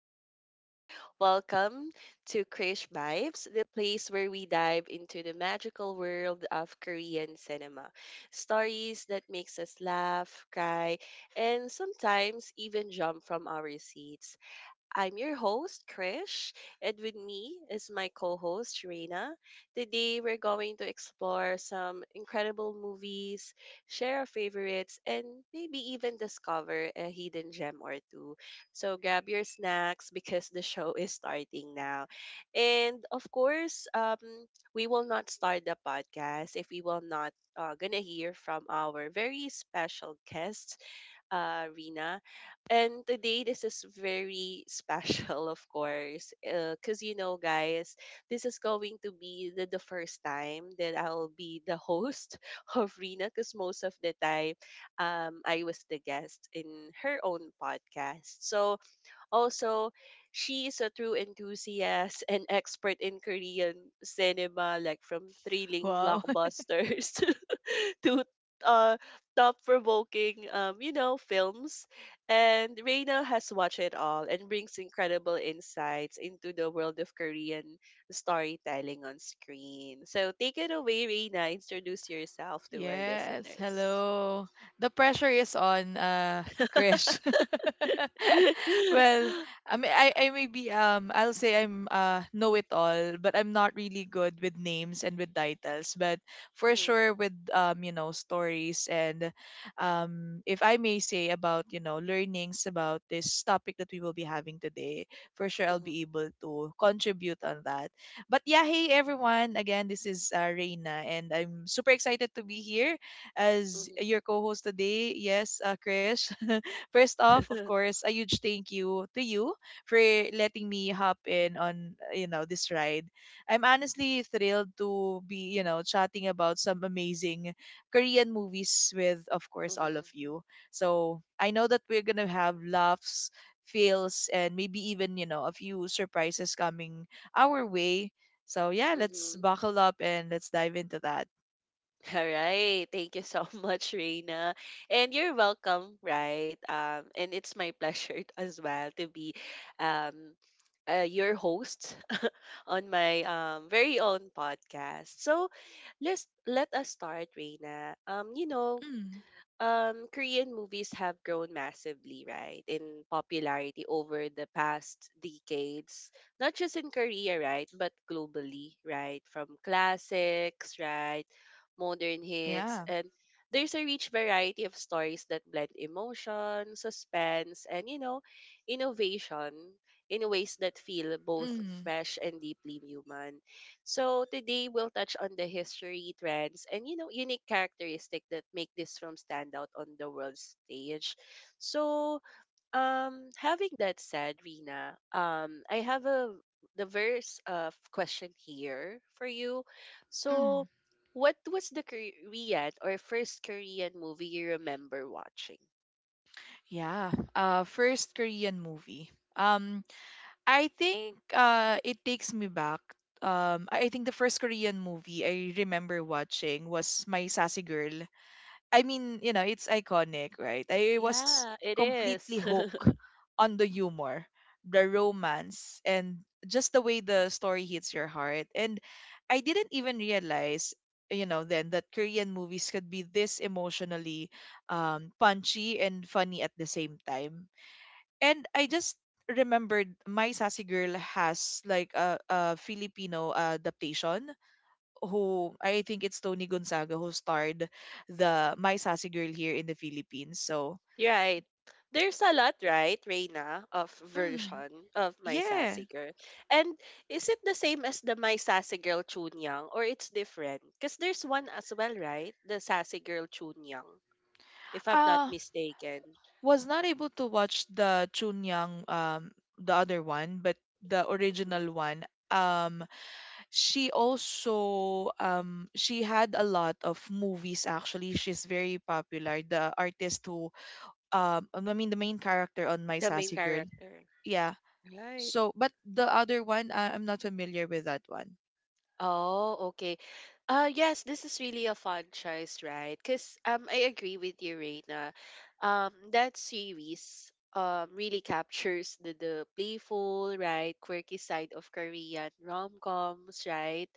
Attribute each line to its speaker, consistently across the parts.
Speaker 1: lovers! Welcome to Krish Vibes, the place where we dive into the magical world of Korean cinema. Stories that makes us laugh, cry, and sometimes even jump from our seats. I'm your host, Krish, and with me is my co host, Reina. Today, we're going to explore some incredible movies, share our favorites, and maybe even discover a hidden gem or two. So, grab your snacks because the show is starting now. And of course, we will not start the podcast if we will not gonna hear from our very special guest Rina. And today, this is very special, of course, because guys, this is going to be the first time that I'll be the host of Rina, because most of the time, I was the guest in her own podcast. So, also, she is a true enthusiast and expert in Korean cinema, like from thrilling
Speaker 2: Wow.
Speaker 1: blockbusters to uh, thought-provoking, films. And Reina has watched it all and brings incredible insights into the world of Korean storytelling on screen. So take it away, Reina. Introduce yourself to our
Speaker 2: Yes.
Speaker 1: listeners.
Speaker 2: Hello. The pressure is on, Krish. Well, I mean, I may be, I'll say I'm, know it all, but I'm not really good with names and with titles. But for sure,
Speaker 1: Mhm.
Speaker 2: with, stories and, if I may say about, learnings about this topic that we will be having today, for sure I'll be
Speaker 1: Mhm.
Speaker 2: able to contribute on that. But yeah, hey everyone. Again, this is Reina, and I'm super excited to be here as
Speaker 1: Mhm.
Speaker 2: your co-host today. Yes, Krish. First off, of course, a huge thank you to you for letting me hop in on this ride. I'm honestly thrilled to be chatting about some amazing Korean movies with, of
Speaker 1: Mhm.
Speaker 2: course, all
Speaker 1: Mhm.
Speaker 2: of you. So I know that we're gonna have laughs, fails, and maybe even a few surprises coming our way, so yeah, let's
Speaker 1: Mhm.
Speaker 2: buckle up and let's dive into that.
Speaker 1: All right. Thank you so much, Reina. And you're welcome, right? And it's my pleasure as well to be um, your host on my very own podcast. So let's let us start, Reina.
Speaker 2: Mm.
Speaker 1: Korean movies have grown massively, right, in popularity over the past decades. Not just in Korea, right, but globally, right? From classics, right, modern hits,
Speaker 2: Yeah.
Speaker 1: and there's a rich variety of stories that blend emotion, suspense, and innovation in ways that feel both
Speaker 2: Mm.
Speaker 1: fresh and deeply human. So today we'll touch on the history, trends, and unique characteristic that make this film stand out on the world stage. So, having that said, Rina, I have a diverse verse question here for you. So,
Speaker 2: Mm.
Speaker 1: what was the Korean or first Korean movie you remember watching?
Speaker 2: Yeah. First Korean movie. Um I think it takes me back. I think the first Korean movie I remember watching was My Sassy Girl. I mean, it's iconic, right? I was
Speaker 1: Yeah, it
Speaker 2: completely
Speaker 1: is.
Speaker 2: hooked on the humor, the romance, and just the way the story hits your heart. And I didn't even realize, then, that Korean movies could be this emotionally punchy and funny at the same time. And I just remembered My Sassy Girl has like a Filipino adaptation, who I think it's Tony Gonzaga who starred the My Sassy Girl here in the Philippines. So,
Speaker 1: Right. There's a lot, right, Reina, of
Speaker 2: mm,
Speaker 1: version of My
Speaker 2: yeah.
Speaker 1: Sassy Girl. And is it the same as the My Sassy Girl Chun Yang or it's different? Because there's one as well, right? The Sassy Girl Chun Yang, if I'm not
Speaker 2: Uh
Speaker 1: mistaken.
Speaker 2: was not able to watch the Chunyang, the other one, but the
Speaker 1: Mhm.
Speaker 2: original one, um she also, she had a lot of movies. Actually, she's very popular, the artist who, I mean, the main character on My
Speaker 1: The main
Speaker 2: Sassy Girl,
Speaker 1: character.
Speaker 2: yeah.
Speaker 1: Right.
Speaker 2: So, but the other one, I'm not familiar with that one.
Speaker 1: Oh, okay. Yes, this is really a fun choice, right? Cause I agree with you, Reina. That series really captures the playful, right, quirky side of Korean rom-coms, right?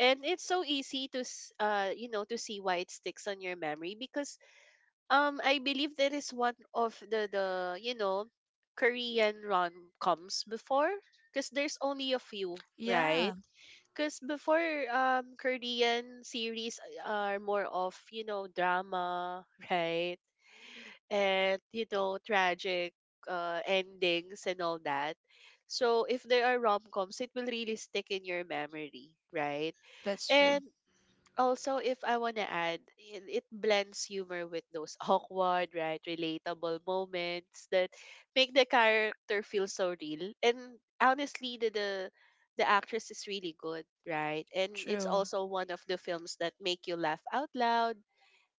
Speaker 1: And it's so easy to to see why it sticks on your memory because I believe that is one of the Korean rom-coms before because there's only a few,
Speaker 2: Yeah,
Speaker 1: right? Because before Korean series are more of, you know, drama, right? And tragic endings and all that. So if there are rom-coms, it will really stick in your memory, right?
Speaker 2: that's true.
Speaker 1: And also, if I want to add, it blends humor with those awkward, right, relatable moments that make the character feel so real. And honestly, the actress is really good, right? And it's
Speaker 2: True.
Speaker 1: also one of the films that make you laugh out loud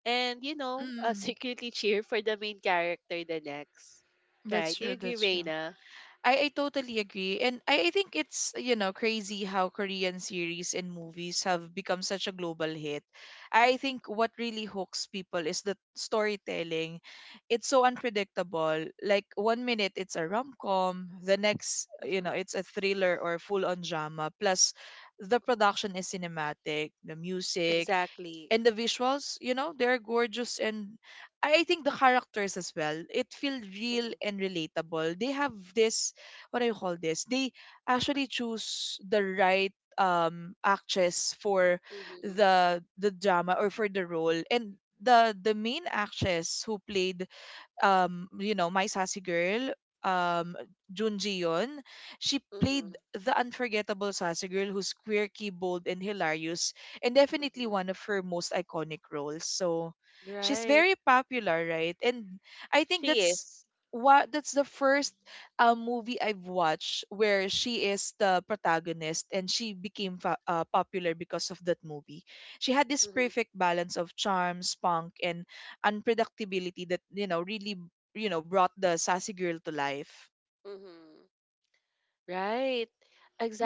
Speaker 1: and
Speaker 2: Mm,
Speaker 1: secretly cheer for the main character the next,
Speaker 2: that's
Speaker 1: right? Do you
Speaker 2: true.
Speaker 1: agree,
Speaker 2: That's true.
Speaker 1: Reina?
Speaker 2: I totally agree. And I think it's, crazy how Korean series and movies have become such a global hit. I think what really hooks people is the storytelling. It's so unpredictable. Like one minute it's a rom-com, the next,
Speaker 1: Mm-hmm.
Speaker 2: it's a thriller or full-on drama. Plus, the production is cinematic, the music,
Speaker 1: Exactly.
Speaker 2: and the visuals, they're gorgeous. And I think the characters as well, it feels real
Speaker 1: Mm-hmm.
Speaker 2: and relatable. They have this, what do you call this, they actually choose the right, actress for
Speaker 1: Mm-hmm.
Speaker 2: the drama or for the role. And the main actress who played, My Sassy Girl, um, Junji Yon, she
Speaker 1: Mm-hmm.
Speaker 2: played the unforgettable Sassy Girl, who's quirky, bold, and hilarious, and definitely
Speaker 1: Mm-hmm.
Speaker 2: one of her most iconic roles. So she's
Speaker 1: Right.
Speaker 2: very popular, right? And I think
Speaker 1: She
Speaker 2: that's
Speaker 1: is.
Speaker 2: what that's the first movie I've watched where she is the protagonist, and she became popular because of that movie. She had this perfect balance of charm, spunk, and unpredictability that, really, brought the Sassy Girl to life.
Speaker 1: Mhm. Right.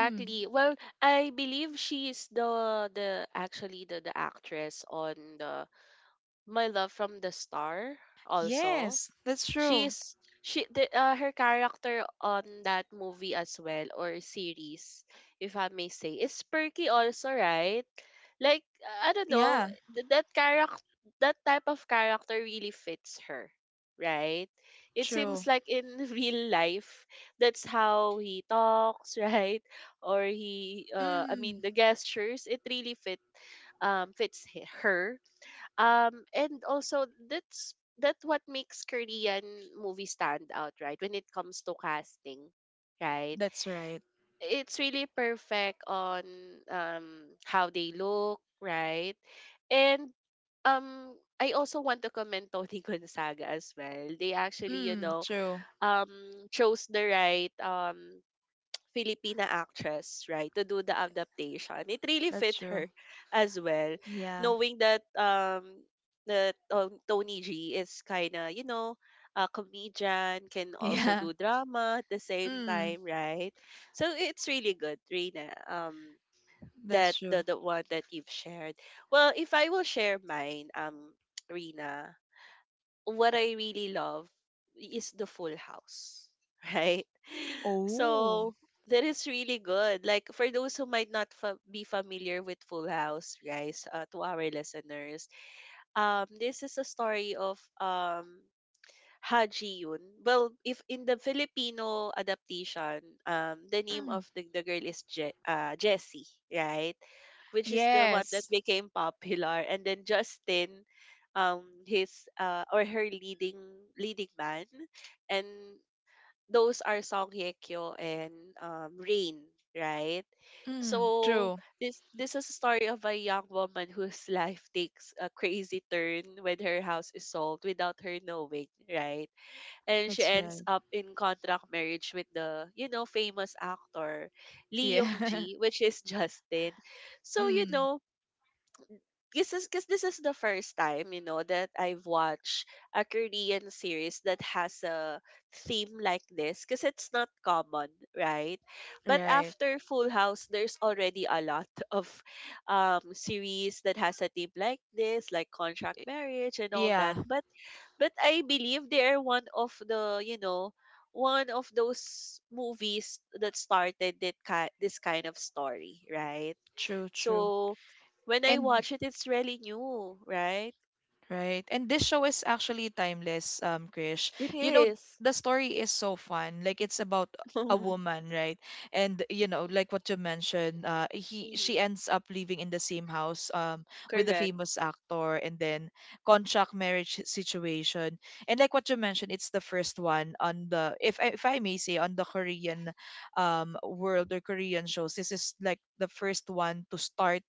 Speaker 2: Mm.
Speaker 1: Well, I believe she's the actually the actress on the My Love from the Star also.
Speaker 2: Yes, that's true.
Speaker 1: she's Her character on that movie as well, or series, if I may say, is perky also, right? Like, I don't know,
Speaker 2: Yeah,
Speaker 1: that character that type of character really fits her, right? It
Speaker 2: true.
Speaker 1: seems like in real life that's how he talks, right? Or he I mean,
Speaker 2: Mm,
Speaker 1: the gestures, it really fits her. And also, that's what makes Korean movies stand out, right? When it comes to casting, right,
Speaker 2: that's right.
Speaker 1: it's really perfect on um how they look, right? And um I also want to commend Tony Gonzaga as well. They actually,
Speaker 2: Mm, true.
Speaker 1: um chose the right Filipina actress, right, to do the adaptation. It really
Speaker 2: That's
Speaker 1: fit
Speaker 2: true.
Speaker 1: her as well,
Speaker 2: Yeah.
Speaker 1: knowing that Tony G is kind of a comedian, can also
Speaker 2: Yeah.
Speaker 1: do drama at the same
Speaker 2: Mm,
Speaker 1: time, right? So it's really good, Rina. That
Speaker 2: that's
Speaker 1: the
Speaker 2: true.
Speaker 1: the one that you've shared. Well, if I will share mine, Rina, what I really love is the Full House, right?
Speaker 2: Oh.
Speaker 1: So that is really good. Like for those who might not be familiar with Full House, guys, to our listeners, this is a story of Ha Ji Yoon. Well, if in the Filipino adaptation, the name
Speaker 2: Mm,
Speaker 1: of the girl is Jessie, right? Which is the one that
Speaker 2: yes.
Speaker 1: became popular, and then Justin, his or her leading man, and those are Song Hye Kyo and Rain, right?
Speaker 2: Mm,
Speaker 1: So
Speaker 2: true.
Speaker 1: this is a story of a young woman whose life takes a crazy turn when her house is sold without her knowing, right? And she
Speaker 2: That's
Speaker 1: ends
Speaker 2: right.
Speaker 1: up in contract marriage with the famous actor Lee Yong
Speaker 2: Yeah.
Speaker 1: Ji, which is Justin. So
Speaker 2: Mm,
Speaker 1: this is because this is the first time that I've watched a Korean series that has a theme like this because it's not common, right? But
Speaker 2: right.
Speaker 1: after Full House, there's already a lot of series that has a theme like this, like contract
Speaker 2: I-
Speaker 1: marriage and all that.
Speaker 2: Yeah,
Speaker 1: But I believe they are one of those movies that started this kind of story, right?
Speaker 2: true, true.
Speaker 1: So when I
Speaker 2: And
Speaker 1: watch it, it's really new, right?
Speaker 2: Right. And this show is actually timeless, Krish.
Speaker 1: It
Speaker 2: You know,
Speaker 1: is.
Speaker 2: the story is so fun. Like it's about a woman, right? And like what you mentioned, he she
Speaker 1: Mm-hmm.
Speaker 2: ends up living in the same house, with the
Speaker 1: Correct.
Speaker 2: famous actor, and then contract marriage situation. And like what you mentioned, it's the first one on the, if I may say, on the Korean, world, or Korean shows. This is like the first one to start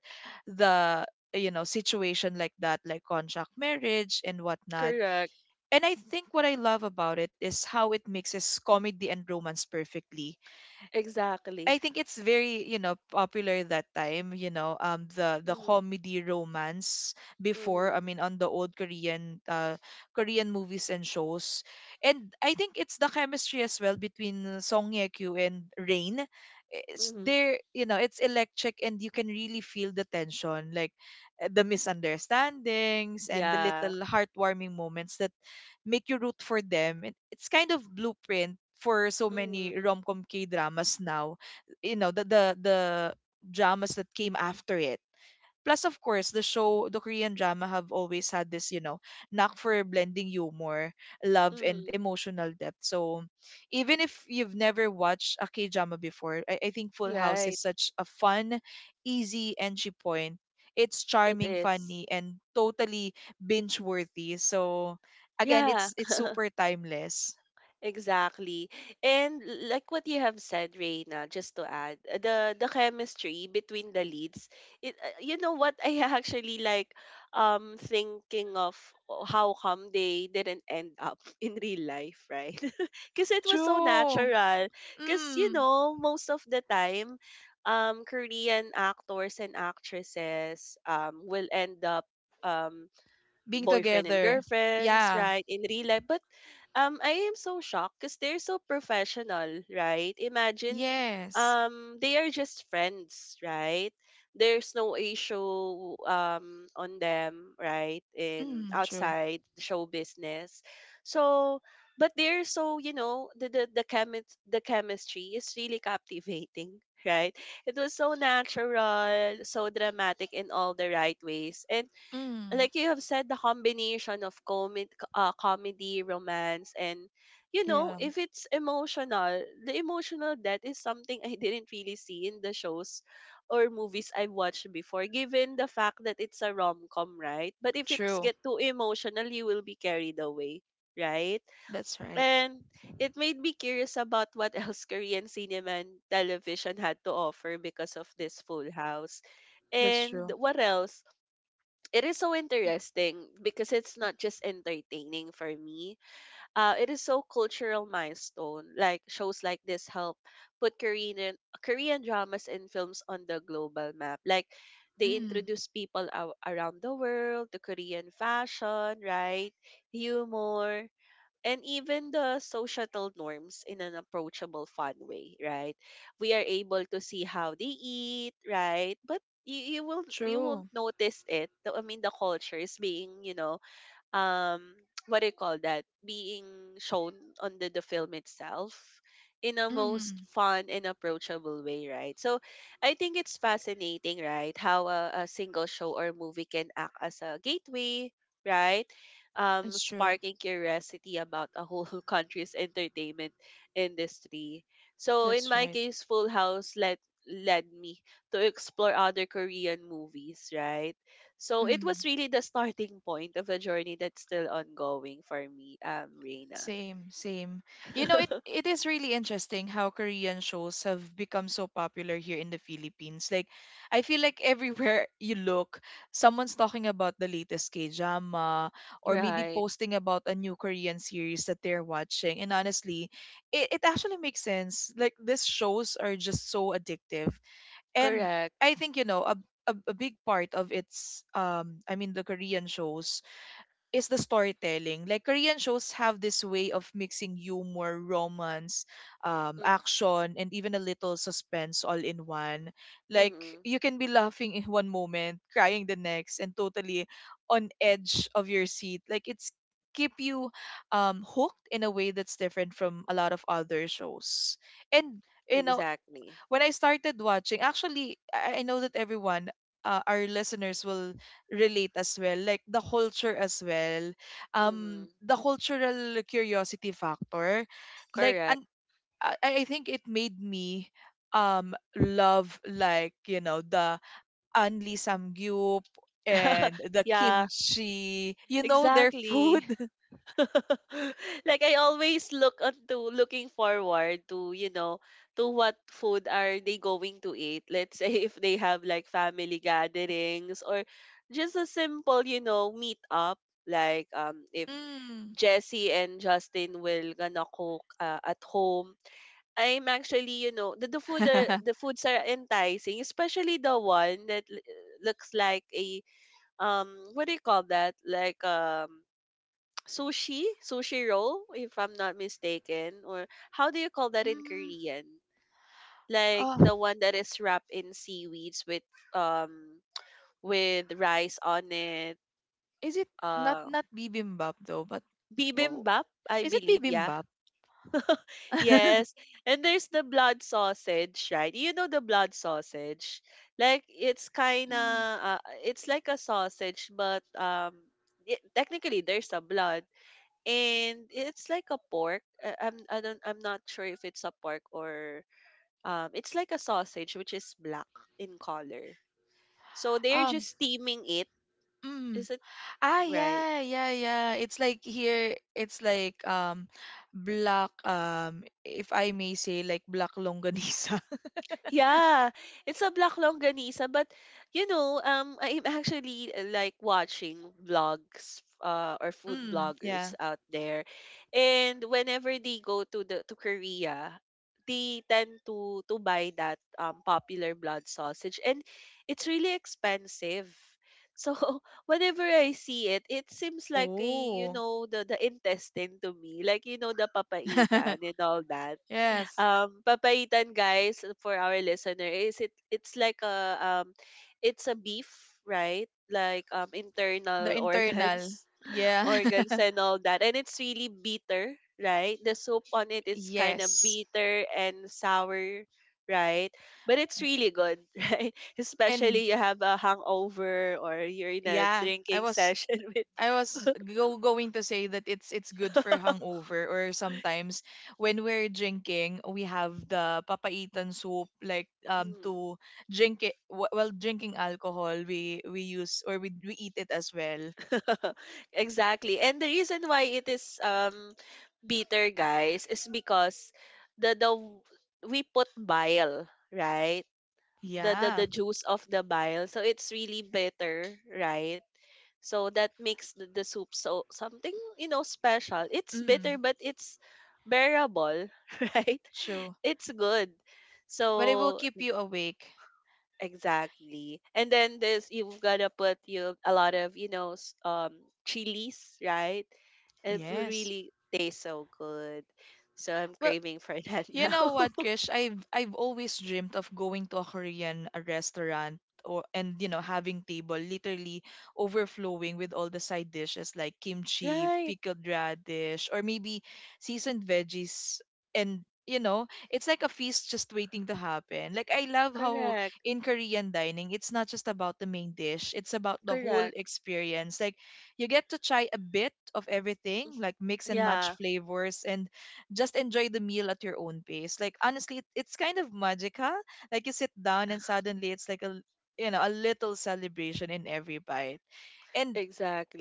Speaker 2: the, situation like that, like contract marriage and whatnot.
Speaker 1: Correct.
Speaker 2: And I think what I love about it is how it mixes comedy and romance perfectly.
Speaker 1: Exactly.
Speaker 2: I think it's very, popular that time, the
Speaker 1: Mm-hmm.
Speaker 2: comedy romance before.
Speaker 1: Mm-hmm.
Speaker 2: I mean, on the old, Korean movies and shows. And I think it's the chemistry as well between, Song Ye-kyo and Rain. It's
Speaker 1: Mm-hmm.
Speaker 2: there, it's electric, and you can really feel the tension, like, the misunderstandings and the
Speaker 1: Yeah.
Speaker 2: little heartwarming moments that make you root for them. It's kind of blueprint for so many
Speaker 1: Mm-hmm.
Speaker 2: rom-com K-dramas now, the dramas that came after it. Plus, of course, the show, the Korean drama have always had this, knack for blending humor, love, and
Speaker 1: Mm-hmm.
Speaker 2: emotional depth. So, even if you've never watched a K drama before, I think Full House is
Speaker 1: Right.
Speaker 2: such a fun, easy entry point. It's
Speaker 1: It
Speaker 2: charming,
Speaker 1: is.
Speaker 2: funny, and totally binge worthy. So, again,
Speaker 1: Yeah.
Speaker 2: it's super timeless.
Speaker 1: Exactly. And like what you have said, Reina, just to add, the chemistry between the leads, it, you know what I actually like thinking of how come they didn't end up in real life, right? Because it was so
Speaker 2: True.
Speaker 1: natural. Because you
Speaker 2: Mm.
Speaker 1: know, most of the time, Korean actors and actresses will end up um
Speaker 2: Being
Speaker 1: boyfriend and
Speaker 2: together.
Speaker 1: girlfriends,
Speaker 2: Yeah.
Speaker 1: right? In real life, but I am so shocked because they're so professional, right? Imagine,
Speaker 2: Yes.
Speaker 1: they are just friends, right? There's no issue, on them, right? In
Speaker 2: Mm, true.
Speaker 1: outside the show business, so, but they're so the chemistry is really captivating, right? It was so natural, so dramatic in all the right ways, and
Speaker 2: Mm,
Speaker 1: like you have said, the combination of comi comedy, romance, and
Speaker 2: yeah,
Speaker 1: if it's emotional, the emotional death is something I didn't really see in the shows or movies I've watched before, given the fact that it's a rom com, right? But if it's
Speaker 2: true.
Speaker 1: get too emotional, you will be carried away, right?
Speaker 2: That's right.
Speaker 1: And it made me curious about what else Korean cinema and television had to offer because of this Full House.
Speaker 2: That's
Speaker 1: And
Speaker 2: true.
Speaker 1: what else? It is so interesting because it's not just entertaining for me. It is so cultural milestone. Like shows like this help put Korean dramas and films on the global map. Like they
Speaker 2: Mm,
Speaker 1: introduce people around the world to Korean fashion, right? Humor, and even the societal norms in an approachable fun way, right? We are able to see how they eat, right? But you will you won't
Speaker 2: true.
Speaker 1: notice it. I mean, the culture is being um what do you call that, being shown on the film itself in a most
Speaker 2: Mm,
Speaker 1: fun and approachable way, right? So I think it's fascinating, right? How a single show or movie can act as a gateway, right,
Speaker 2: it's true.
Speaker 1: sparking curiosity about a whole country's entertainment industry. So in
Speaker 2: That's
Speaker 1: my
Speaker 2: right.
Speaker 1: case, Full House led me to explore other Korean movies, right? So it was
Speaker 2: Mm.
Speaker 1: really the starting point of a journey that's still ongoing for me, Reina.
Speaker 2: Same, same. It it is really interesting how Korean shows have become so popular here in the Philippines. Like, I feel like everywhere you look, someone's talking about the latest K-drama or maybe
Speaker 1: Right.
Speaker 2: posting about a new Korean series that they're watching. And honestly, it actually makes sense. Like, these shows are just so addictive. And
Speaker 1: Correct.
Speaker 2: I think, a a big part of its, I mean, the Korean shows is the storytelling. Like Korean shows have this way of mixing humor, romance,
Speaker 1: Mm-,
Speaker 2: action, and even a little suspense, all in one. Like
Speaker 1: Mm-hmm.
Speaker 2: you can be laughing in one moment, crying the next, and totally on edge of your seat. Like it's keep you, hooked in a way that's different from a lot of other shows. And you know
Speaker 1: Exactly.
Speaker 2: when I started watching, actually, I know that everyone, our listeners will relate as well, like the culture as well,
Speaker 1: Mm-hmm.
Speaker 2: the cultural curiosity factor, like,
Speaker 1: Correct.
Speaker 2: and I I think it made me, love, like, the Anli Samgyup and the
Speaker 1: Yeah,
Speaker 2: kimchi, their
Speaker 1: exactly.
Speaker 2: food.
Speaker 1: Like I always looking forward to, you know, to what food are they going to eat. Let's say if they have like family gatherings or just a simple meet up. Like if
Speaker 2: Mm.
Speaker 1: Jesse and Justin will gonna cook at home. I'm actually, the, the food are, the foods are enticing, especially the one that looks like a um what do you call that? Like sushi roll if I'm not mistaken, or how do you call that in
Speaker 2: Mm.
Speaker 1: Korean? Like
Speaker 2: Oh,
Speaker 1: the one that is wrapped in seaweeds um with rice on it.
Speaker 2: is it, not
Speaker 1: Uh
Speaker 2: not bibimbap though? But what
Speaker 1: Bibimbap, I
Speaker 2: Is it
Speaker 1: believe. Yeah.
Speaker 2: bibimbap?
Speaker 1: Yes. And there's the blood sausage, right? You know the blood sausage? Like it's kind of
Speaker 2: Mm.
Speaker 1: it's like a sausage, but it, technically there's a blood, and it's like a pork. I, I'm I don't I'm not sure if it's a pork, or it's like a sausage which is black in color. So they're
Speaker 2: Um,
Speaker 1: just steaming it.
Speaker 2: mm.
Speaker 1: Is it
Speaker 2: Ah,
Speaker 1: right?
Speaker 2: yeah, yeah, yeah. It's like here. It's like, black, if I may say, like black longganisa.
Speaker 1: Yeah, it's a black longganisa, but I'm actually like watching vlogs, or food
Speaker 2: Mm,
Speaker 1: bloggers
Speaker 2: yeah.
Speaker 1: out there, and whenever they go to the to Korea, they tend to buy that popular blood sausage, and it's really expensive. So whenever I see it, it seems like a, you
Speaker 2: Oh.
Speaker 1: know, the intestine to me, like you know, the papaitan and all that.
Speaker 2: Yes,
Speaker 1: Papaitan, guys, for our listener, is it, it's like a it's a beef, right? Like
Speaker 2: the
Speaker 1: internal
Speaker 2: internal.
Speaker 1: organs
Speaker 2: Yeah.
Speaker 1: organs and all that, and it's really bitter, right? The soup on it is kind of
Speaker 2: Yes.
Speaker 1: bitter and sour, right? But it's really good, right?
Speaker 2: And
Speaker 1: Especially you have a hangover or you're in a
Speaker 2: yeah, I
Speaker 1: drinking
Speaker 2: was
Speaker 1: session with
Speaker 2: I was go- going to say that it's good for hangover, or sometimes when we're drinking, we have the papaitan soup, like,
Speaker 1: Mm.
Speaker 2: to drink it while drinking alcohol, we use, or we eat it as well.
Speaker 1: Exactly. And the reason why it is bitter, guys, is because the the w- we put bile, right? The the
Speaker 2: Yeah.
Speaker 1: the juice of the bile, so it's really bitter, right? So that makes the soup so something, you know, special. It's bitter,
Speaker 2: Mm.
Speaker 1: but it's bearable, right?
Speaker 2: True.
Speaker 1: It's good.
Speaker 2: But it will
Speaker 1: So
Speaker 2: keep you awake.
Speaker 1: exactly. And then this, you've gotta put you a lot of, you know, chilies, right? It will
Speaker 2: Yes.
Speaker 1: really taste so good. So I'm
Speaker 2: Well,
Speaker 1: craving for that
Speaker 2: you
Speaker 1: now.
Speaker 2: know what, Krish? I've always dreamed of going to a Korean, restaurant, or and having table literally overflowing with all the side dishes like kimchi,
Speaker 1: Right.
Speaker 2: pickled radish, or maybe seasoned veggies, and it's like a feast just waiting to happen. Like, I love how
Speaker 1: Correct.
Speaker 2: in Korean dining, it's not just about the main dish, it's about the whole
Speaker 1: Correct.
Speaker 2: experience. Like you get to try a bit of everything, like mix and match
Speaker 1: Yeah,
Speaker 2: flavors, and just enjoy the meal at your own pace. Like, honestly, it's kind of magical. Like you sit down, and suddenly it's like a little celebration in every bite. And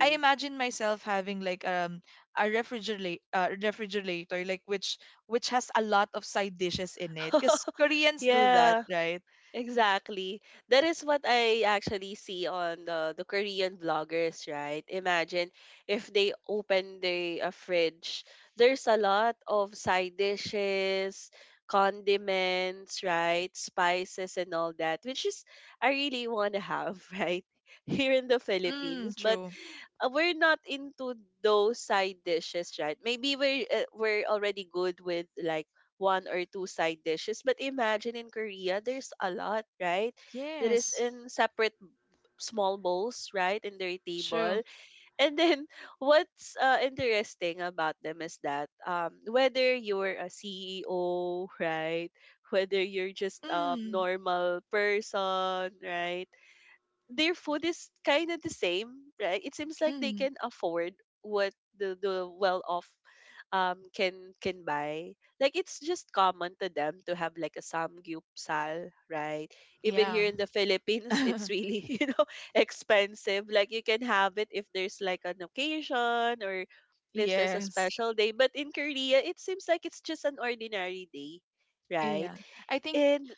Speaker 2: I imagine myself having like, a refrigerator, like which has a lot of side dishes in it. Cause Koreans do that,
Speaker 1: Yeah.
Speaker 2: right?
Speaker 1: Exactly. That is what I actually see on the Korean vloggers, right? Imagine if they open the a fridge, there's a lot of side dishes, condiments, right? Spices and all that, which is I really want to have, right? Here in the
Speaker 2: Mm,
Speaker 1: Philippines. But
Speaker 2: true.
Speaker 1: we're not into those side dishes, right? Maybe we're already good with like one or two side dishes, but imagine in Korea, there's a lot, right? That is
Speaker 2: Yes,
Speaker 1: in separate b- small bowls, right, in their
Speaker 2: true.
Speaker 1: table. And then what's interesting about them is that whether you're a CEO, right, whether you're just a
Speaker 2: Mm,
Speaker 1: normal person, right, their food is kind of the same, right? It seems like they
Speaker 2: mm,
Speaker 1: can afford what the well off um can can buy. Like it's just common to them to have like a samgyupsal, right? Even
Speaker 2: yeah.
Speaker 1: here in the Philippines, it's really you know expensive. Like you can have it if there's like an occasion or if there's a
Speaker 2: Yes.
Speaker 1: special day. But in Korea, it seems like it's just an ordinary day, right?
Speaker 2: Yeah. I think
Speaker 1: And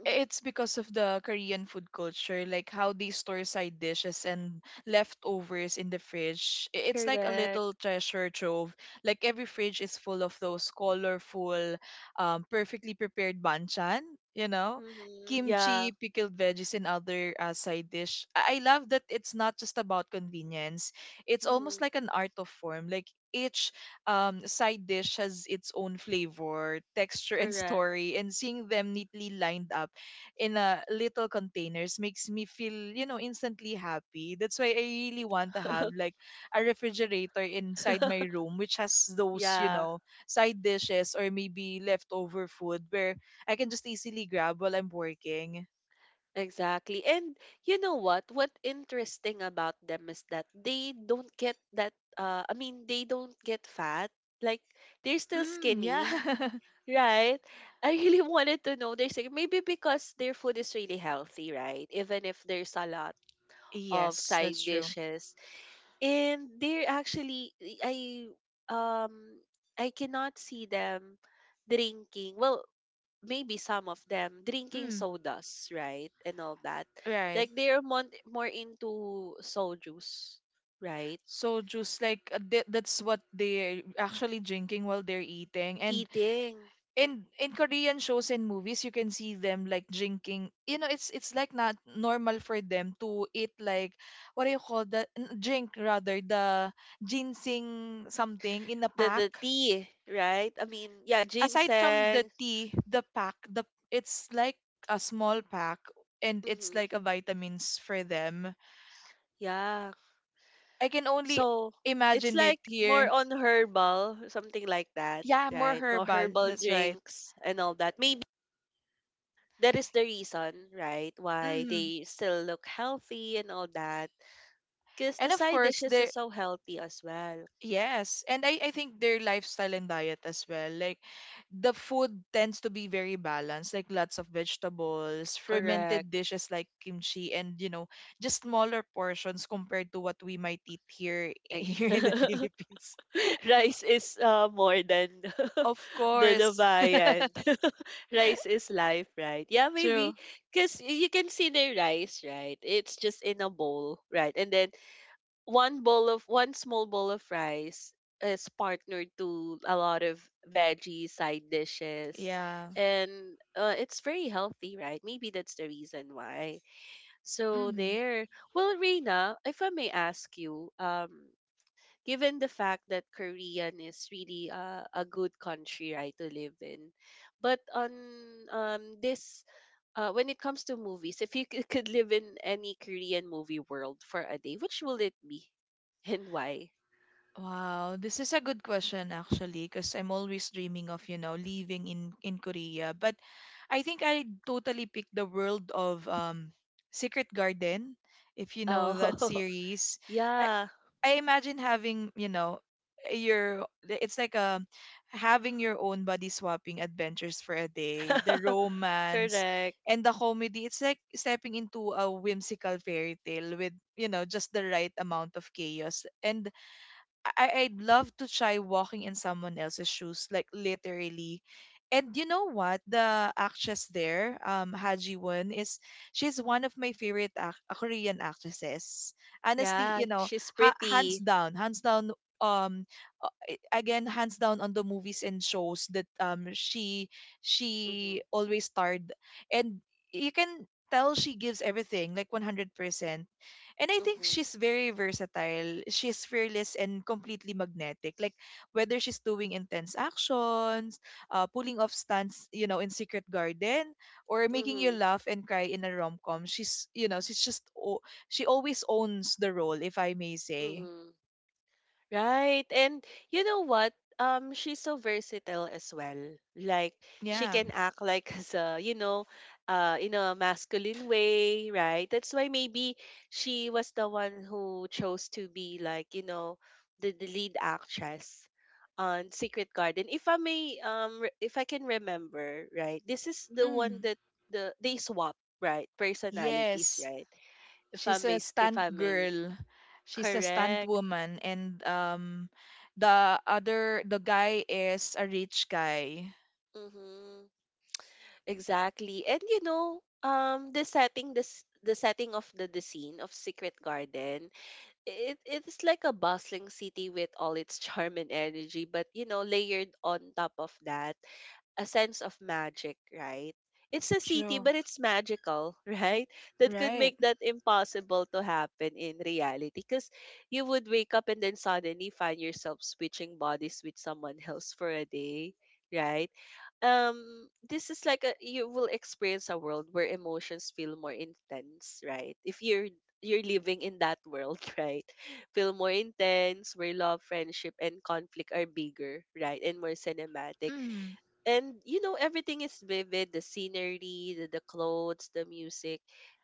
Speaker 1: mhm,
Speaker 2: it's because of the Korean food culture, like how they store side dishes and leftovers in the fridge. It's like a little
Speaker 1: correct.
Speaker 2: treasure trove. Like every fridge is full of those colorful, perfectly prepared banchan, you know,
Speaker 1: Hmm,
Speaker 2: kimchi,
Speaker 1: yeah.
Speaker 2: pickled veggies, and other, side dish. I love that it's not just about convenience. It's
Speaker 1: Mm-hmm.
Speaker 2: almost like an art of form. Like each, side dish has its own flavor, texture, and
Speaker 1: Correct.
Speaker 2: story, and seeing them neatly lined up in a little containers makes me feel, instantly happy. That's why I really want to have like a refrigerator inside my room, which has those,
Speaker 1: Yeah,
Speaker 2: side dishes or maybe leftover food, where I can just easily grab while I'm working.
Speaker 1: exactly. And you know what? What interesting about them is that they don't get that they don't get fat. Like they're still
Speaker 2: Mm,
Speaker 1: skinny,
Speaker 2: yeah.
Speaker 1: right? I really wanted to know their secret. Maybe because their food is really healthy, right? Even if there's a lot of
Speaker 2: Yes, that's
Speaker 1: side
Speaker 2: true.
Speaker 1: dishes. And they're actually I um I cannot see them drinking. Well, maybe some of them drinking
Speaker 2: Mm,
Speaker 1: sodas, right? And all that.
Speaker 2: right.
Speaker 1: Like they're more into soju's, right?
Speaker 2: So, Soju's like, that's what they're actually drinking while they're eating. And
Speaker 1: Eating
Speaker 2: in Korean shows and movies you can see them like drinking, it's like not normal for them to eat, like what do you call that, drink rather, the ginseng something in a
Speaker 1: the
Speaker 2: pack,
Speaker 1: the tea, right? I mean, yeah,
Speaker 2: aside from the
Speaker 1: ginseng.
Speaker 2: tea, the pack, the, it's like a small pack, and it's
Speaker 1: Hmm.
Speaker 2: like a vitamins for them.
Speaker 1: Yeah.
Speaker 2: I can only
Speaker 1: So it's
Speaker 2: imagine it
Speaker 1: like more
Speaker 2: here.
Speaker 1: on herbal, something like that,
Speaker 2: Yeah, more
Speaker 1: right? No
Speaker 2: herbal,
Speaker 1: herbal
Speaker 2: that's right.
Speaker 1: drinks and all that. Maybe that is the reason, right, why
Speaker 2: Hmm,
Speaker 1: they still look healthy and all that. Because
Speaker 2: and
Speaker 1: the
Speaker 2: of
Speaker 1: side
Speaker 2: course
Speaker 1: dishes
Speaker 2: there.
Speaker 1: is so healthy as well. Mm-hmm.
Speaker 2: Yes, and I think their lifestyle and diet as well. Like the food tends to be very balanced, like lots of vegetables,
Speaker 1: Correct.
Speaker 2: fermented dishes like kimchi, and just smaller portions compared to what we might eat here
Speaker 1: Ex-
Speaker 2: here in the Philippines.
Speaker 1: Rice is more than
Speaker 2: Of
Speaker 1: the
Speaker 2: course,
Speaker 1: viand. Rice is life, right? Yeah,
Speaker 2: true.
Speaker 1: maybe. Because you can see the rice, right? It's just in a bowl, right? And then one small bowl of rice is partnered to a lot of veggie side dishes.
Speaker 2: Yeah.
Speaker 1: And it's very healthy, right? Maybe that's the reason why. So
Speaker 2: Mm-hmm.
Speaker 1: there. Well, Reina, if I may ask you, given the fact that Korean is really a good country right to live in, but on this when it comes to movies, if you c- could live in any Korean movie world for a day, which will it be, and why?
Speaker 2: Wow, this is a good question actually, because I'm always dreaming of, you know, living in Korea. But I think I totally picked the world of Secret Garden, if you know that
Speaker 1: Oh.
Speaker 2: series. I,
Speaker 1: Yeah,
Speaker 2: I imagine having, you know, your, it's like having your own body swapping adventures for a day, the romance
Speaker 1: correct.
Speaker 2: and the comedy. It's like stepping into a whimsical fairy tale with, you know, just the right amount of chaos. And I'd love to try walking in someone else's shoes, like literally. And you know what? The actress there, Ha Ji Won, is she's one of my favorite Korean actresses. Honestly,
Speaker 1: Yeah,
Speaker 2: you know,
Speaker 1: she's
Speaker 2: ha- hands
Speaker 1: pretty.
Speaker 2: down, hands down. Um, Again, hands down on the movies and shows that she
Speaker 1: Mhm.
Speaker 2: she always starred, and you can tell she gives everything like 100%, and I think
Speaker 1: Mhm.
Speaker 2: she's very versatile. She's fearless and completely magnetic. Like whether she's doing intense actions, pulling off stunts, you know, in Secret Garden, or making you
Speaker 1: Mhm.
Speaker 2: laugh and cry in a rom com. She's, you know, she always owns the role, if I may say.
Speaker 1: Mhm. Right. And you know what? She's so versatile as well. Like she
Speaker 2: Yeah.
Speaker 1: can act like as a, you know, in a masculine way, right? That's why maybe she was the one who chose to be like, you know, the lead actress on Secret Garden. If I may, if I can remember, right? This is the one
Speaker 2: Mm.
Speaker 1: that the they swap, right? Personalities,
Speaker 2: Yes,
Speaker 1: right?
Speaker 2: she's a
Speaker 1: If
Speaker 2: stunt
Speaker 1: I may,
Speaker 2: girl. She's a stunt
Speaker 1: correct.
Speaker 2: woman, and the other, the guy is a rich guy.
Speaker 1: Mm-hmm. Exactly. And you know, the setting this the setting of the scene of Secret Garden, it's like a bustling city with all its charm and energy, but you know, layered on top of that a sense of magic, right? It's a city,
Speaker 2: True.
Speaker 1: but it's magical, right? That could
Speaker 2: Right.
Speaker 1: make that impossible to happen in reality. Because you would wake up and then suddenly find yourself switching bodies with someone else for a day, right? This is like a you will experience a world where emotions feel more intense, right? If you're living in that world, right? Feel more intense, where love, friendship, and conflict are bigger, right? And more cinematic,
Speaker 2: Mm,
Speaker 1: and you know everything is vivid, the scenery, the clothes, the music,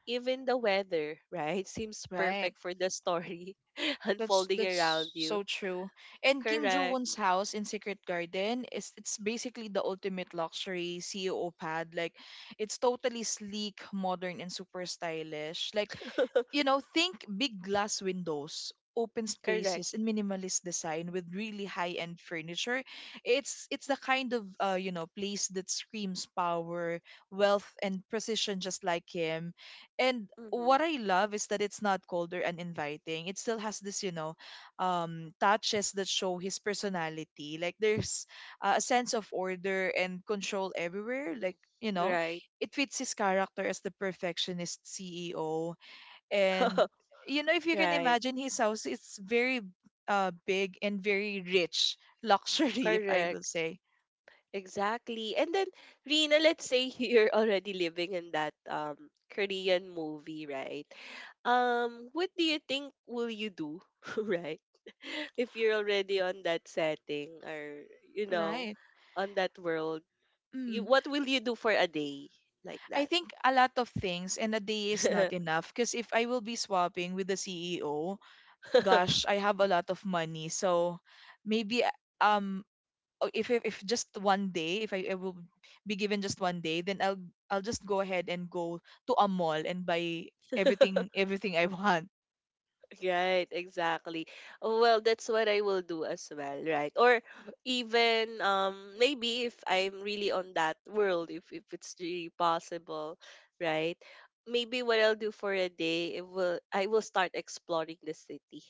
Speaker 1: even the weather, right, seems
Speaker 2: right.
Speaker 1: perfect for the story
Speaker 2: That's
Speaker 1: unfolding around
Speaker 2: so
Speaker 1: you.
Speaker 2: true. And Kim Joo
Speaker 1: Correct.
Speaker 2: Won's house in Secret Garden is, it's basically the ultimate luxury CEO pad. Like it's totally sleek, modern, and super stylish. Like, you know, think big glass windows, open
Speaker 1: Correct.
Speaker 2: spaces, and minimalist design with really high-end furniture. It's the kind of you know, place that screams power, wealth, and precision, just like him. And
Speaker 1: Mm-hmm.
Speaker 2: what I love is that it's not cold or uninviting. It still has this, you know, touches that show his personality. Like there's a sense of order and control everywhere. Like, you
Speaker 1: Mm-hmm.
Speaker 2: know,
Speaker 1: Right.
Speaker 2: it fits his character as the perfectionist CEO. And you know, if you can
Speaker 1: Right.
Speaker 2: imagine his house, it's very big and very rich luxury, if I
Speaker 1: Correct.
Speaker 2: will say.
Speaker 1: Exactly. And then, Rina, let's say you're already living in that Korean movie, right? What do you think will you do, right? If you're already on that setting, or, you know,
Speaker 2: Right.
Speaker 1: on that world, you
Speaker 2: Mm.
Speaker 1: what will you do for a day like
Speaker 2: I think a lot of things, and a day is not
Speaker 1: that?
Speaker 2: enough, because if I will be swapping with the CEO, gosh, I have a lot of money. So maybe um if just one day, if I will be given just one day, then I'll just go ahead and go to a mall and buy everything I want.
Speaker 1: Right, exactly. Oh, well, that's what I will do as well, right? Or even maybe if I'm really on that world, if it's really possible, right? Maybe what I'll do for a day, it will I will start exploring the city,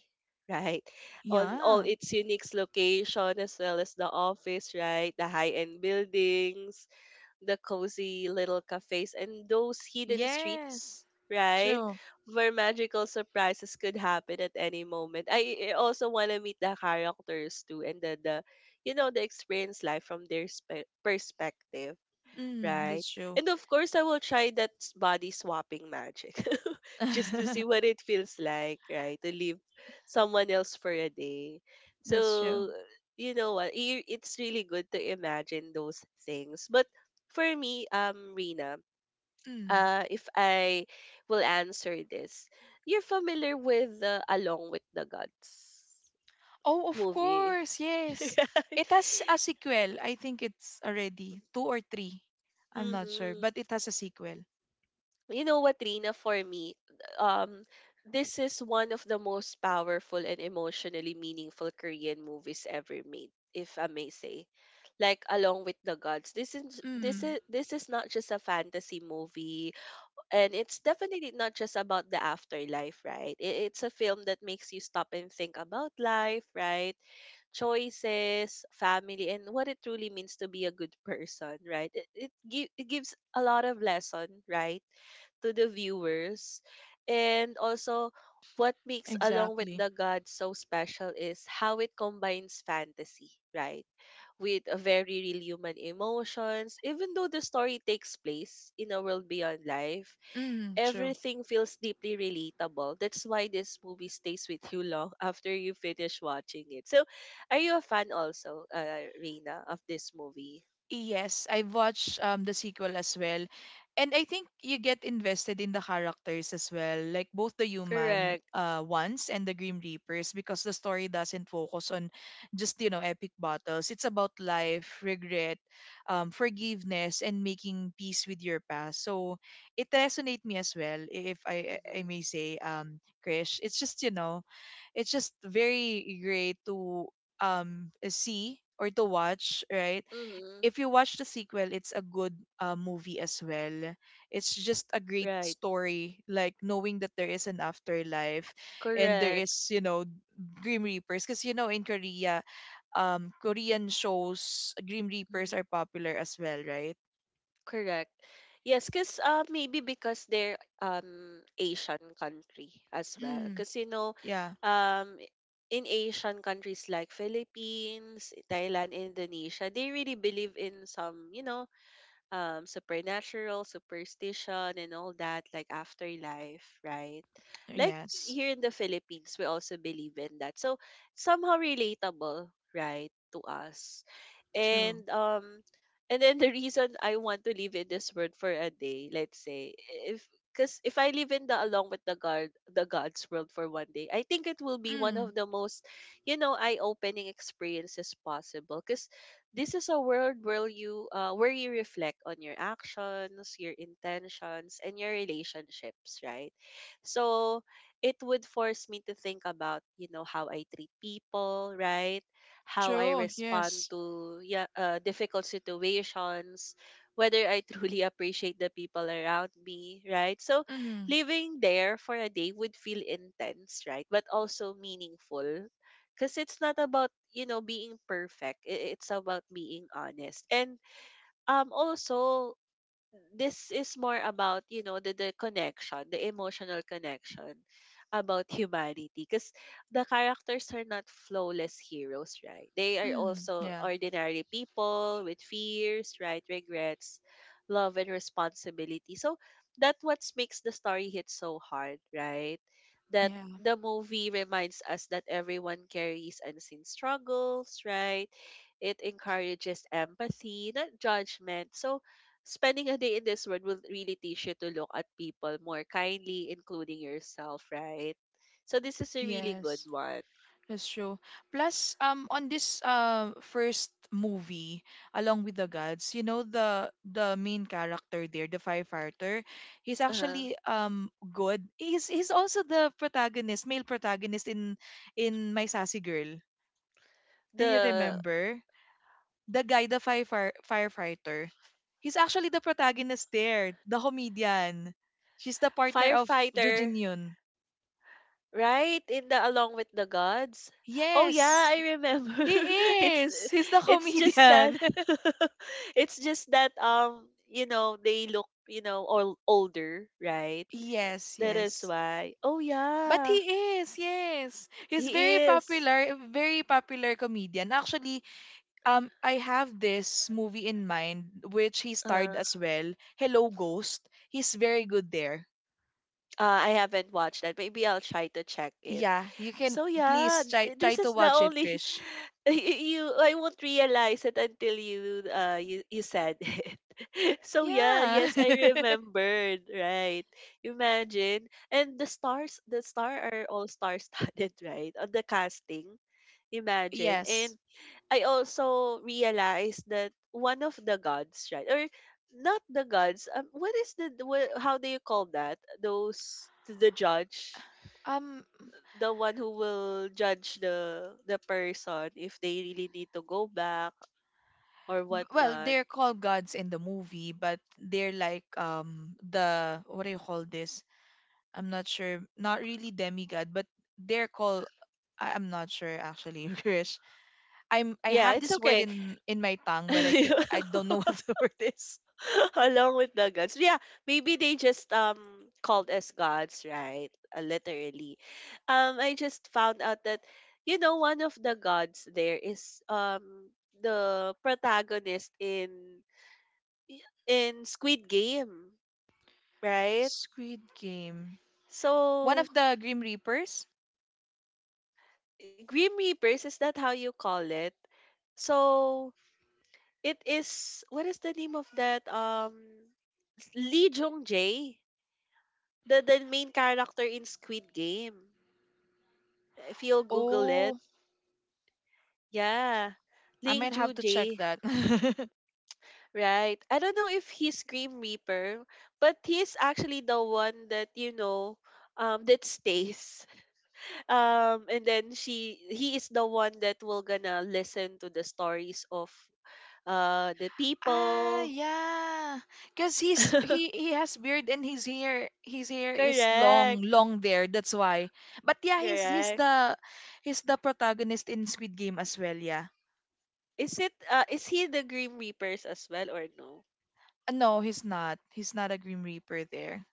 Speaker 1: right? On all
Speaker 2: Yeah.
Speaker 1: its unique location, as well as the office, right? The high-end buildings, the cozy little cafes, and those hidden
Speaker 2: Yes.
Speaker 1: streets, right?
Speaker 2: True.
Speaker 1: Where magical surprises could happen at any moment. I also want to meet the characters too, and the you know the experience life from their spe- perspective,
Speaker 2: Mm,
Speaker 1: right?
Speaker 2: that's true.
Speaker 1: And of course, I will try that s- body swapping magic just to see what it feels like, right? To leave someone else for a day.
Speaker 2: That's true.
Speaker 1: So, you know what? It's really good to imagine those things. But for me, Rina,
Speaker 2: Mm.
Speaker 1: if I will answer this, you're familiar with the Along with the Gods
Speaker 2: Oh, of
Speaker 1: movie,
Speaker 2: course. Yes.
Speaker 1: right?
Speaker 2: It has a sequel. I think it's already two or three. I'm not sure,
Speaker 1: Mm-hmm.
Speaker 2: but it has a sequel.
Speaker 1: You know what, Rina, for me, um, this is one of the most powerful and emotionally meaningful Korean movies ever made, if I may say. Like Along with the Gods.
Speaker 2: Mm,
Speaker 1: This is not just a fantasy movie, and it's definitely not just about the afterlife, right? It's a film that makes you stop and think about life, right? Choices, family, and what it truly means to be a good person, right? It gives a lot of lesson, right, to the viewers. And also, what makes Along with
Speaker 2: exactly.
Speaker 1: the Gods so special is how it combines fantasy, right? With a very real human emotions. Even though the story takes place in a world beyond life,
Speaker 2: Mm, true.
Speaker 1: everything feels deeply relatable. That's why this movie stays with you long after you finish watching it. So, are you a fan also, Reina, of this movie?
Speaker 2: Yes, I've watched the sequel as well. And I think you get invested in the characters as well, like both the human
Speaker 1: Correct.
Speaker 2: ones and the Grim Reapers, because the story doesn't focus on just, you know, epic battles. It's about life, regret, forgiveness, and making peace with your past. So it resonated me as well, if I
Speaker 1: Mm-hmm.
Speaker 2: I may say, Krish. It's just, you know, it's just very great to see or to watch, right?
Speaker 1: Mm-hmm.
Speaker 2: If you watch the sequel, it's a good movie as well. It's just a great
Speaker 1: Right.
Speaker 2: story, like knowing that there is an afterlife, and there
Speaker 1: Correct.
Speaker 2: is, you know, Grim Reapers. Because, you know, in Korea, Korean shows, Grim Reapers are
Speaker 1: Mm-hmm.
Speaker 2: popular as well, right?
Speaker 1: Correct. Yes, because maybe because they're Asian country as well.
Speaker 2: Mm,
Speaker 1: Because you know,
Speaker 2: yeah.
Speaker 1: um, i- in Asian countries like Philippines, Thailand, Indonesia, they really believe in some you know supernatural superstition and all that, like afterlife, right? Like
Speaker 2: Yes.
Speaker 1: here in the Philippines we also believe in that, so somehow relatable, right, to us.
Speaker 2: True.
Speaker 1: and um and then the reason I want to live in this world for a day, let's say, if because if I live in the along with the god, the god's world for one day, I think it will be one
Speaker 2: Mm,
Speaker 1: of the most, you know, eye-opening experiences possible, because this is a world where you reflect on your actions, your intentions, and your relationships, right? So it would force me to think about, you know, how I treat people, right? How I
Speaker 2: true.
Speaker 1: respond
Speaker 2: Yes.
Speaker 1: to yeah, difficult situations, whether I truly appreciate the people around me, right? So
Speaker 2: Mm,
Speaker 1: living there for a day would feel intense, right? But also meaningful because it's not about being perfect it's about being honest and also, this is more about the connection, the emotional connection about humanity, because the characters are not flawless heroes, right? They are
Speaker 2: mm,
Speaker 1: also
Speaker 2: yeah.
Speaker 1: ordinary people with fears, right? Regrets, love, and responsibility. So that what makes the story hit so hard, right? that
Speaker 2: Yeah.
Speaker 1: The movie reminds us that everyone carries unseen struggles, right? It encourages empathy, not judgment. So spending a day in this world will really teach you to look at people more kindly, including yourself, right? So this is a really good
Speaker 2: Yes.
Speaker 1: one.
Speaker 2: That's true. Plus, on this first movie, Along With the Gods, you know, the main character there, the firefighter, he's
Speaker 1: Uh-huh.
Speaker 2: actually good. He's also the protagonist, male protagonist in My Sassy Girl. Do you
Speaker 1: The
Speaker 2: remember the guy, the firefighter? He's actually the protagonist there, the comedian. She's the partner of Jo
Speaker 1: firefighter,
Speaker 2: Jin Yoon.
Speaker 1: right? In the Along with the Gods. Oh yeah,
Speaker 2: Yes,
Speaker 1: I remember.
Speaker 2: he
Speaker 1: it's
Speaker 2: is. He's the
Speaker 1: it's just that
Speaker 2: comedian.
Speaker 1: it's just that you know, they look, you know, all older, right?
Speaker 2: Yes,
Speaker 1: That is
Speaker 2: yes.
Speaker 1: why. Oh
Speaker 2: But
Speaker 1: yeah,
Speaker 2: he is, yes. He's
Speaker 1: he is.
Speaker 2: very popular comedian. Actually, I have this movie in mind which he starred
Speaker 1: Uh-huh.
Speaker 2: as well. Hello Ghost. He's very good there.
Speaker 1: I haven't watched that. Maybe I'll try to check it.
Speaker 2: Yeah, you can
Speaker 1: So yeah,
Speaker 2: please
Speaker 1: this
Speaker 2: try
Speaker 1: is
Speaker 2: to
Speaker 1: the
Speaker 2: watch it,
Speaker 1: only
Speaker 2: Trish.
Speaker 1: y- y- you I won't realize it until you you said it. So yeah,
Speaker 2: Yeah.
Speaker 1: yes, I remembered, right. Imagine. And the star are all star studded, right? On the casting. Imagine.
Speaker 2: yes.
Speaker 1: And I also realized that one of the gods, right? Or not the gods. What is what, how do you call that? Those the judge,
Speaker 2: Um
Speaker 1: the one who will judge the person if they really need to go back or
Speaker 2: well,
Speaker 1: whatnot.
Speaker 2: they're called gods in the movie, but they're like the, what do you call this? I'm not sure. Not really demigod, but they're called, I'm not sure actually, Krish. I'm I
Speaker 1: Yeah,
Speaker 2: have
Speaker 1: it's
Speaker 2: this word
Speaker 1: okay.
Speaker 2: in my tongue, but I can, I don't know what the word is.
Speaker 1: Along with the gods. Yeah, maybe they just called us gods, right? Literally. I just found out that you know one of the gods there is the protagonist in Squid Game, right?
Speaker 2: Squid Game. One
Speaker 1: So
Speaker 2: of the Grim Reapers.
Speaker 1: Grim Reapers, is that how you call it? So it is, what is the name of that Lee Jong Jae, the main character in Squid Game. If you'll Google it,
Speaker 2: Oh,
Speaker 1: yeah,
Speaker 2: I
Speaker 1: Ling
Speaker 2: might
Speaker 1: Joo
Speaker 2: have to check
Speaker 1: Jae,
Speaker 2: that.
Speaker 1: right? I don't know if he's Grim Reaper, but he's actually the one that, you know, that stays. And then he is the one that will gonna listen to the stories of the
Speaker 2: Ah,
Speaker 1: people.
Speaker 2: yeah, because he has beard, and his hair, his hair is long,
Speaker 1: Correct,
Speaker 2: long there. That's why. But yeah,
Speaker 1: correct.
Speaker 2: he's the protagonist in Squid Game as well. Yeah.
Speaker 1: Is it is he the Grim Reapers as well or no?
Speaker 2: No, he's not. He's not a Grim Reaper there.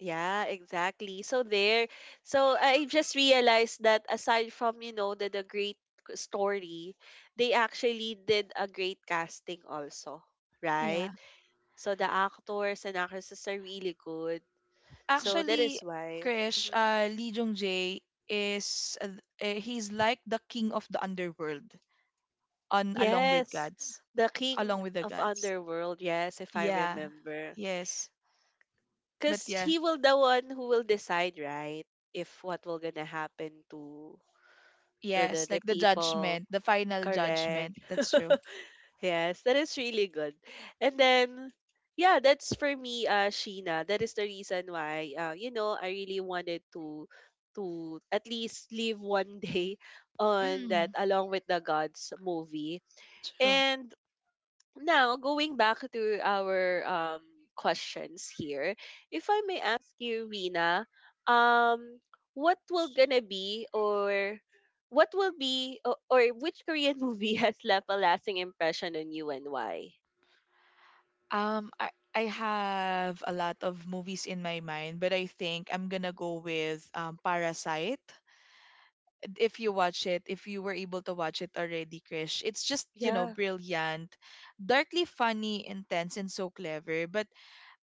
Speaker 1: Yeah, exactly. So there, so I just realized that aside from, you know, the great story, they actually did a great casting also, right?
Speaker 2: Yeah.
Speaker 1: So the actors and actresses are really good. So that
Speaker 2: Actually,
Speaker 1: is why.
Speaker 2: Krish,
Speaker 1: Mhm.
Speaker 2: Lee Jong Jae is he's like the king of the underworld on Along With
Speaker 1: Yes,
Speaker 2: Gods,
Speaker 1: the
Speaker 2: Along
Speaker 1: king
Speaker 2: With the
Speaker 1: of
Speaker 2: Gods.
Speaker 1: underworld, yes, if I
Speaker 2: Yeah,
Speaker 1: remember.
Speaker 2: yes, but
Speaker 1: Because
Speaker 2: yeah,
Speaker 1: he will the one who will decide, right? If what will gonna happen to
Speaker 2: yes,
Speaker 1: the
Speaker 2: like the
Speaker 1: people.
Speaker 2: judgment, the final
Speaker 1: Correct.
Speaker 2: judgment. That's true.
Speaker 1: Yes, that is really good. And then, yeah, that's for me, Sheena. That is the reason why, you know, I really wanted to at least live one day on that
Speaker 2: Mm,
Speaker 1: Along with the Gods movie.
Speaker 2: true.
Speaker 1: And now going back to our questions here, if I may ask you, Rina, um, what will gonna be, or what will be, or which Korean movie has left a lasting impression on you and why?
Speaker 2: Um, I I have a lot of movies in my mind, but I think I'm gonna go with Parasite. If you watch it, if you were able to watch it already, Krish, it's just, you know,
Speaker 1: Yeah,
Speaker 2: brilliant, darkly funny, intense, and so clever. But,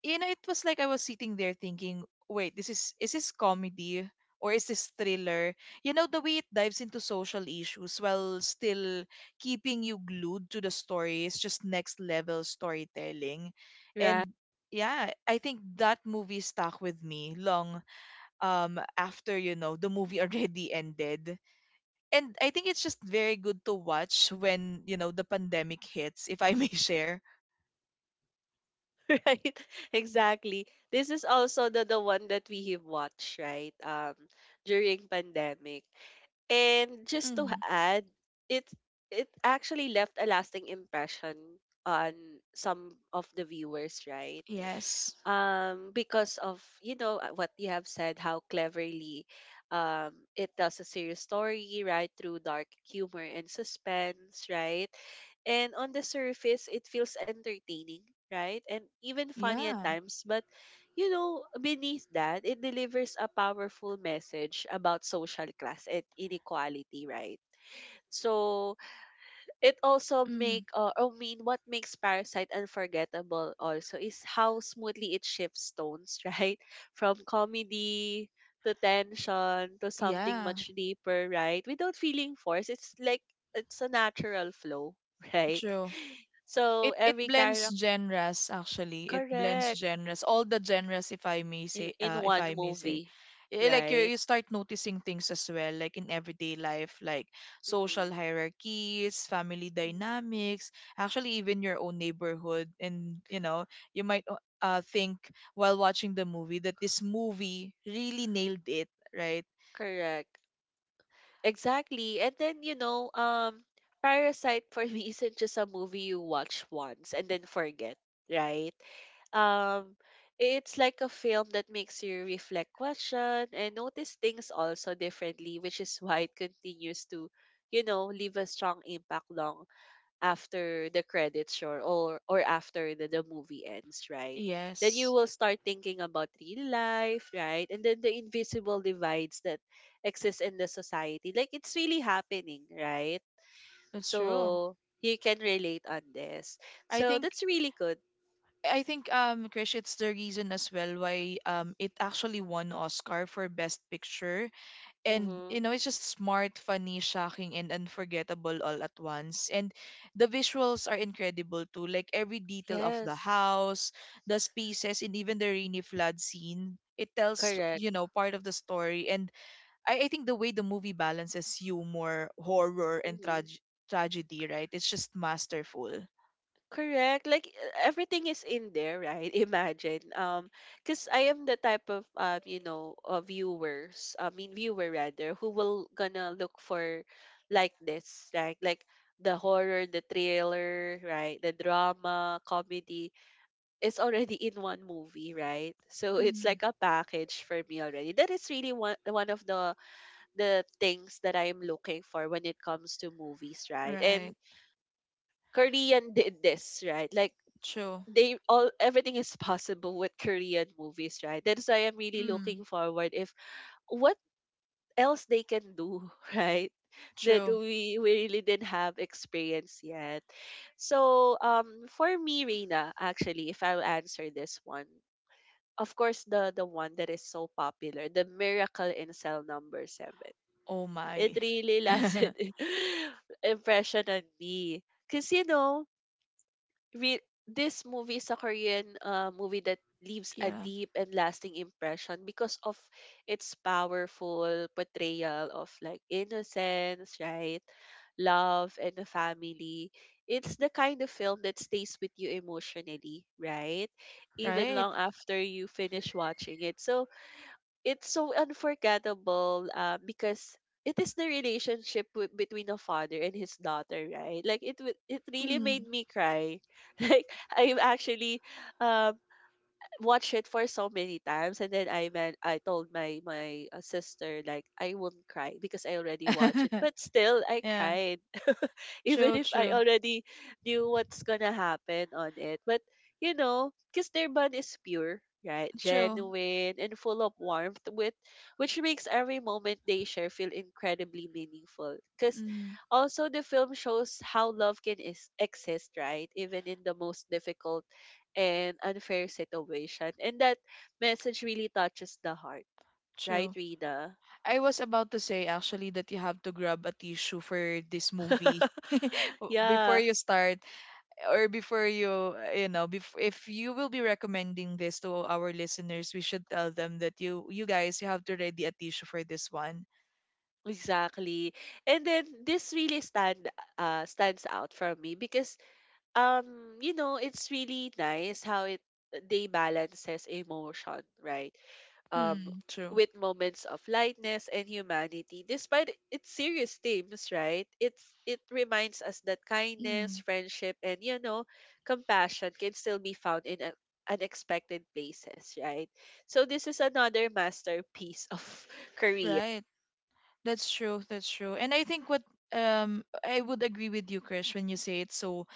Speaker 2: you know, it was like I was sitting there thinking, wait, this is this comedy? Or is this thriller? You know, the way it dives into social issues while still keeping you glued to the story is just next level storytelling.
Speaker 1: right.
Speaker 2: And yeah, I think that movie stuck with me long after, you know, the movie already ended. And I think it's just very good to watch when, you know, the pandemic hits. If I may share,
Speaker 1: Right. Exactly, this is also the one that we have watched, right? Um, during pandemic. And just to
Speaker 2: mm.
Speaker 1: add, it it actually left a lasting impression on some of the viewers, right?
Speaker 2: Yes.
Speaker 1: Um, because of, you know, what you have said, how cleverly it tells a serious story, right? Through dark humor and suspense, right? And on the surface, it feels entertaining, right? And even funny at
Speaker 2: Yeah.
Speaker 1: times, but you know, beneath that, it delivers a powerful message about social class and inequality, right? So it also
Speaker 2: Mm.
Speaker 1: make I mean, what makes Parasite unforgettable also is how smoothly it shifts tones, right? From comedy to tension to something
Speaker 2: Yeah.
Speaker 1: much deeper, right? Without feeling forced. It's like it's a natural flow, right?
Speaker 2: True.
Speaker 1: So
Speaker 2: It
Speaker 1: every
Speaker 2: blends
Speaker 1: character
Speaker 2: genres, actually, it blends
Speaker 1: correct
Speaker 2: genres, all the genres, if I may say,
Speaker 1: in
Speaker 2: if
Speaker 1: one
Speaker 2: I may say.
Speaker 1: movie,
Speaker 2: Eh, like
Speaker 1: right?
Speaker 2: you start noticing things as well, like in everyday life, like social
Speaker 1: Mm,
Speaker 2: hierarchies, family
Speaker 1: mm,
Speaker 2: dynamics, actually even your own neighborhood. And you know, you might think while watching the movie that this movie really nailed it, right?
Speaker 1: correct. Exactly. And then, you know, Parasite for me isn't just a movie you watch once and then forget, right? Um, it's like a film that makes you reflect, question, and notice things also differently, which is why it continues to, you know, leave a strong impact long after the credits sure or after the movie ends, right? Then you
Speaker 2: Yes,
Speaker 1: will start thinking about real life, right? And then the invisible divides that exist in the society, like it's really happening, right?
Speaker 2: that's true.
Speaker 1: So you can relate on this,
Speaker 2: i
Speaker 1: so
Speaker 2: think
Speaker 1: that's really good.
Speaker 2: I think, Krish, it's the reason as well why it actually won Oscar for Best Picture. And you
Speaker 1: Mm-hmm.
Speaker 2: know, it's just smart, funny, shocking, and unforgettable all at once. And the visuals are incredible too. Like every detail of the
Speaker 1: Yes.
Speaker 2: house, the spaces, and even the rainy flood scene. It tells,
Speaker 1: Correct.
Speaker 2: you know, part of the story. And I think the way the movie balances humor, horror, and
Speaker 1: Mhm.
Speaker 2: tragedy, right? It's just masterful.
Speaker 1: Correct. Like everything is in there, right? Imagine. Because I am the type of you know, viewers. I mean, viewer rather, who will gonna look for like this, right? Like the horror, the thriller, right? The drama, comedy. It's already in one movie, right? So it's
Speaker 2: Hmm.
Speaker 1: like a package for me already. That is really one of the things that I am looking for when it comes to movies, right? And
Speaker 2: Right.
Speaker 1: Korean did this, right? Like
Speaker 2: True.
Speaker 1: they all everything is possible with Korean movies, right? That's why I'm really
Speaker 2: Mm.
Speaker 1: looking forward if what else they can do, right? That
Speaker 2: True.
Speaker 1: we really didn't have experience yet. So for me, Reina, actually, if I'll answer this one, of course the one that is so popular, The Miracle in Cell Number Seven.
Speaker 2: Oh
Speaker 1: It
Speaker 2: my.
Speaker 1: really lasted impression on me. Cause you know, this movie is a Korean movie that leaves a
Speaker 2: Yeah.
Speaker 1: deep and lasting impression because of its powerful portrayal of like innocence, right? Love and the family. It's the kind of film that stays with you emotionally, right? Even
Speaker 2: Right.
Speaker 1: long after you finish watching it. So it's so unforgettable because it is the relationship between a father and his daughter, right? Like it really
Speaker 2: Mm.
Speaker 1: made me cry like I actually um watched it for so many times, and then I told my sister like I won't cry because I already watched it, but still I
Speaker 2: Yeah.
Speaker 1: cried even
Speaker 2: True.
Speaker 1: if I
Speaker 2: True.
Speaker 1: already knew what's gonna happen on it. But you know, because their bond is pure, right?
Speaker 2: True.
Speaker 1: Genuine and full of warmth, with which makes every moment they share feel incredibly meaningful. Cause
Speaker 2: Mm.
Speaker 1: also the film shows how love can exist, right? Even in the most difficult and unfair situation. And that message really touches the heart. Right,
Speaker 2: True.
Speaker 1: Rita?
Speaker 2: I was about to say actually that you have to grab a tissue for this movie before
Speaker 1: Yeah.
Speaker 2: you start, or before you you know, if you will be recommending this to our listeners, we should tell them that you have to ready a tissue for this one.
Speaker 1: Exactly. And then this really stand stands out for me because you know it's really nice how it they balances emotion, right? Um,
Speaker 2: Mm, true.
Speaker 1: with moments of lightness and humanity despite its serious themes, right? It reminds us that kindness,
Speaker 2: Mm,
Speaker 1: friendship, and, you know, compassion can still be found in unexpected places, right? So this is another masterpiece of Korea.
Speaker 2: right. That's true. That's true. And I think what, I would agree with you, Krish, when you say it's so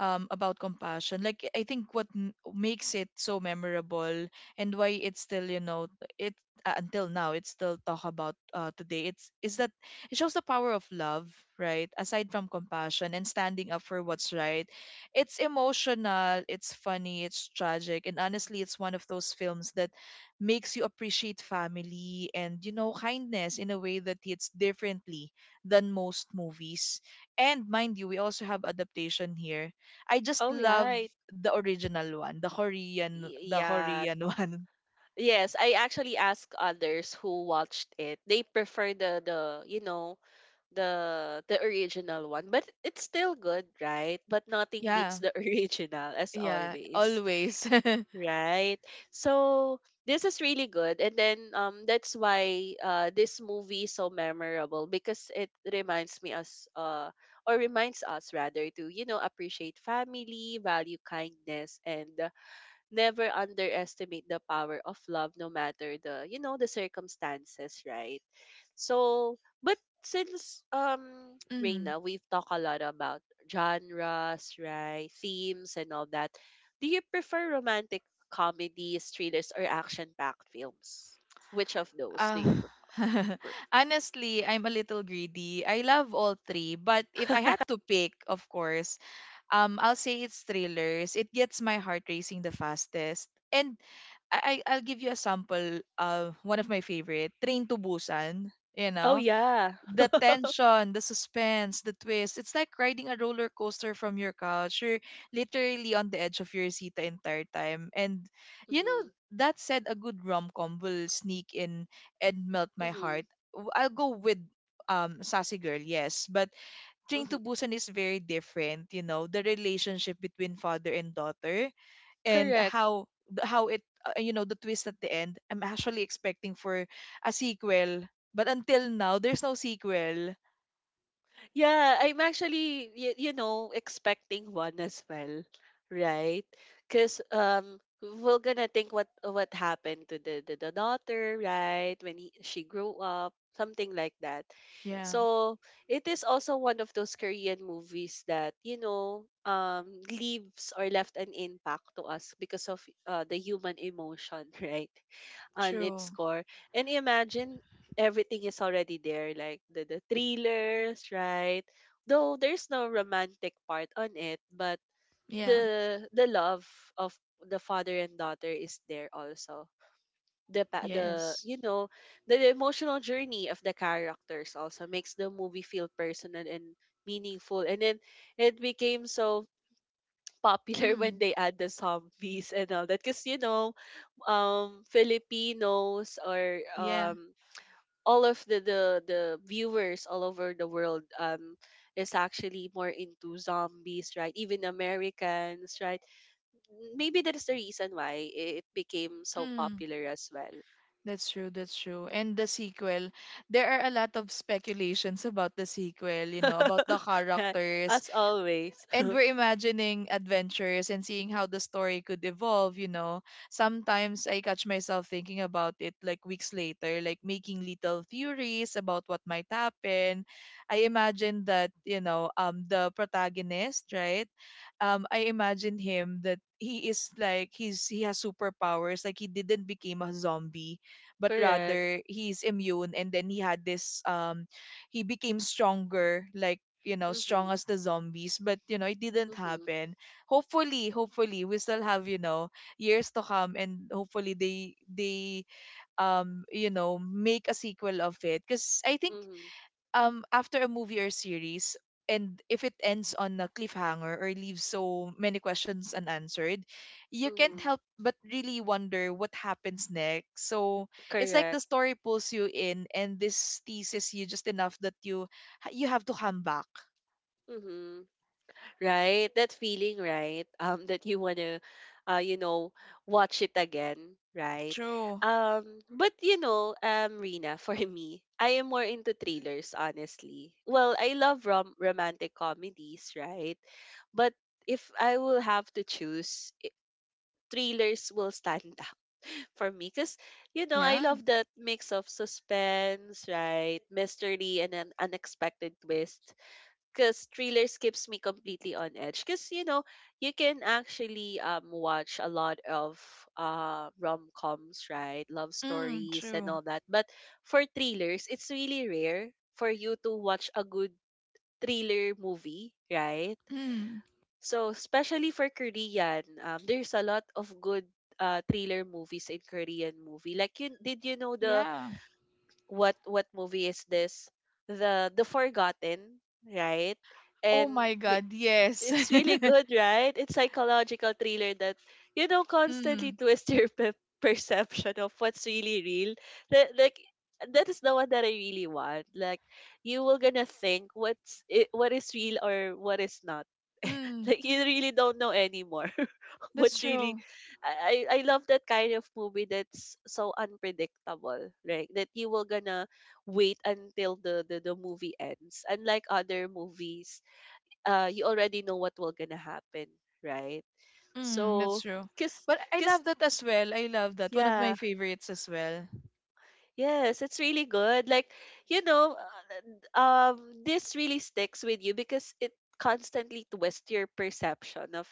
Speaker 2: about compassion. Like I think what makes it so memorable and why it's still, you know, it until now it's still talk about today. It's is that it shows the power of love, right? Aside from compassion and standing up for what's right, it's emotional, it's funny, it's tragic, and honestly, it's one of those films that makes you appreciate family and you know, kindness in a way that hits differently than most movies. And mind you, we also have adaptation here. I just
Speaker 1: All
Speaker 2: love
Speaker 1: right.
Speaker 2: the original one, the Korean, the
Speaker 1: Yeah.
Speaker 2: Korean one.
Speaker 1: Yes, I actually asked others who watched it. They prefer the you know the original one, but it's still good, right? But nothing
Speaker 2: Yeah,
Speaker 1: beats the original as
Speaker 2: yeah,
Speaker 1: always,
Speaker 2: always.
Speaker 1: right? So this is really good, and then that's why this movie is so memorable because it reminds me us or reminds us rather to you know appreciate family, value kindness, and never underestimate the power of love no matter the you know the circumstances, right? So but since
Speaker 2: Mm.
Speaker 1: Reina, we've talked a lot about genres, right? Themes and all that. Do you prefer romantic comedies, thrillers, or action packed films? Which of those do
Speaker 2: uh,
Speaker 1: you prefer?
Speaker 2: honestly, I'm a little greedy, I love all three, but if I had to pick, of course, I'll say it's thrillers. It gets my heart racing the fastest. And I'll give you a sample. One of my favorite, Train to Busan. You
Speaker 1: Oh
Speaker 2: know,
Speaker 1: yeah.
Speaker 2: the tension, the suspense, the twist. It's like riding a roller coaster from your couch. You're literally on the edge of your seat the entire time. And you know,
Speaker 1: Mhm.
Speaker 2: that said, a good rom com will sneak in and melt my
Speaker 1: Mhm.
Speaker 2: heart. I'll go with Sassy Girl, yes, but Train
Speaker 1: Mhm.
Speaker 2: to Busan is very different. The relationship between father and daughter, and
Speaker 1: Correct.
Speaker 2: how it, the twist at the end. I'm actually expecting for a sequel, but until now there's no sequel.
Speaker 1: Yeah, I'm actually, you know, expecting one as well, right? Because we're gonna think what happened to the daughter, right? When she grew up, something like that.
Speaker 2: Yeah.
Speaker 1: So it is also one of those Korean movies that you know leaves or left an impact to us because of the human emotion, right? On its
Speaker 2: True.
Speaker 1: core. And imagine everything is already there, like the thrillers, right? Though there's no romantic part on it, but
Speaker 2: Yeah.
Speaker 1: the love of the father and daughter is there also. The
Speaker 2: Yes.
Speaker 1: you know the emotional journey of the characters also makes the movie feel personal and meaningful. And then it became so popular when
Speaker 2: Mm,
Speaker 1: they add the zombies and all that, because you know Filipinos or
Speaker 2: yeah.
Speaker 1: all of the viewers all over the world is actually more into zombies, right? Even Americans, right? Maybe that's the reason why it became so
Speaker 2: Mm.
Speaker 1: popular as well.
Speaker 2: That's true, that's true. And the sequel, there are a lot of speculations about the sequel, about the characters,
Speaker 1: As always.
Speaker 2: and we're imagining adventures and seeing how the story could evolve. Sometimes I catch myself thinking about it, like, weeks later, like making little theories about what might happen. I imagine that, the protagonist, right? I imagine him that he is like he has superpowers, like he didn't become a zombie, but
Speaker 1: Correct.
Speaker 2: rather he's immune. And then he had this, he became stronger, like strong
Speaker 1: Mhm.
Speaker 2: as the zombies, but it didn't
Speaker 1: Mhm.
Speaker 2: happen. Hopefully, hopefully we still have, years to come, and hopefully they make a sequel of it, because I think
Speaker 1: Mhm.
Speaker 2: after a movie or series, and if it ends on a cliffhanger or leaves so many questions unanswered, you can't
Speaker 1: Mhm.
Speaker 2: help but really wonder what happens next. So it's like the
Speaker 1: Correct.
Speaker 2: story pulls you in, and this thesis you just enough that you you have to come back.
Speaker 1: Mhm. Right? That feeling, right? That you wanna, you know, watch it again, right?
Speaker 2: True.
Speaker 1: But you know, Rina, for me, I am more into thrillers, honestly. Well, I love romantic comedies, right? But if I will have to choose, thrillers will stand out for me because you know I
Speaker 2: Yeah.
Speaker 1: love that mix of suspense, right, mystery, and an unexpected twist because thrillers keeps me completely on edge because you know you can actually watch a lot of rom-coms, right, love
Speaker 2: Mm,
Speaker 1: stories and
Speaker 2: true.
Speaker 1: all that, but for thrillers it's really rare for you to watch a good thriller movie, right?
Speaker 2: Mm,
Speaker 1: So especially for Korean, there's a lot of good thriller movies in Korean movie. Like you did you know the
Speaker 2: yeah.
Speaker 1: what movie is this, the forgotten, right?
Speaker 2: Oh
Speaker 1: And
Speaker 2: my God. Yes.
Speaker 1: it's really good, right? It's psychological thriller that you know constantly
Speaker 2: Mm,
Speaker 1: twists your perception of what's really real. That, like that is the one that I really want. Like you will gonna think what's it, what is real or what is not.
Speaker 2: mm,
Speaker 1: Like you really don't know anymore.
Speaker 2: that's
Speaker 1: What's really,
Speaker 2: true.
Speaker 1: I love that kind of movie that's so unpredictable, right? That you will gonna wait until the movie ends. Unlike other movies, you already know what will gonna happen, right?
Speaker 2: Mm, that's
Speaker 1: So,
Speaker 2: true.
Speaker 1: cause,
Speaker 2: But I
Speaker 1: cause,
Speaker 2: love that as well. I love that. One of my
Speaker 1: yeah.
Speaker 2: favorites as well.
Speaker 1: Yes, it's really good. Like, you know, this really sticks with you because it constantly twists your perception of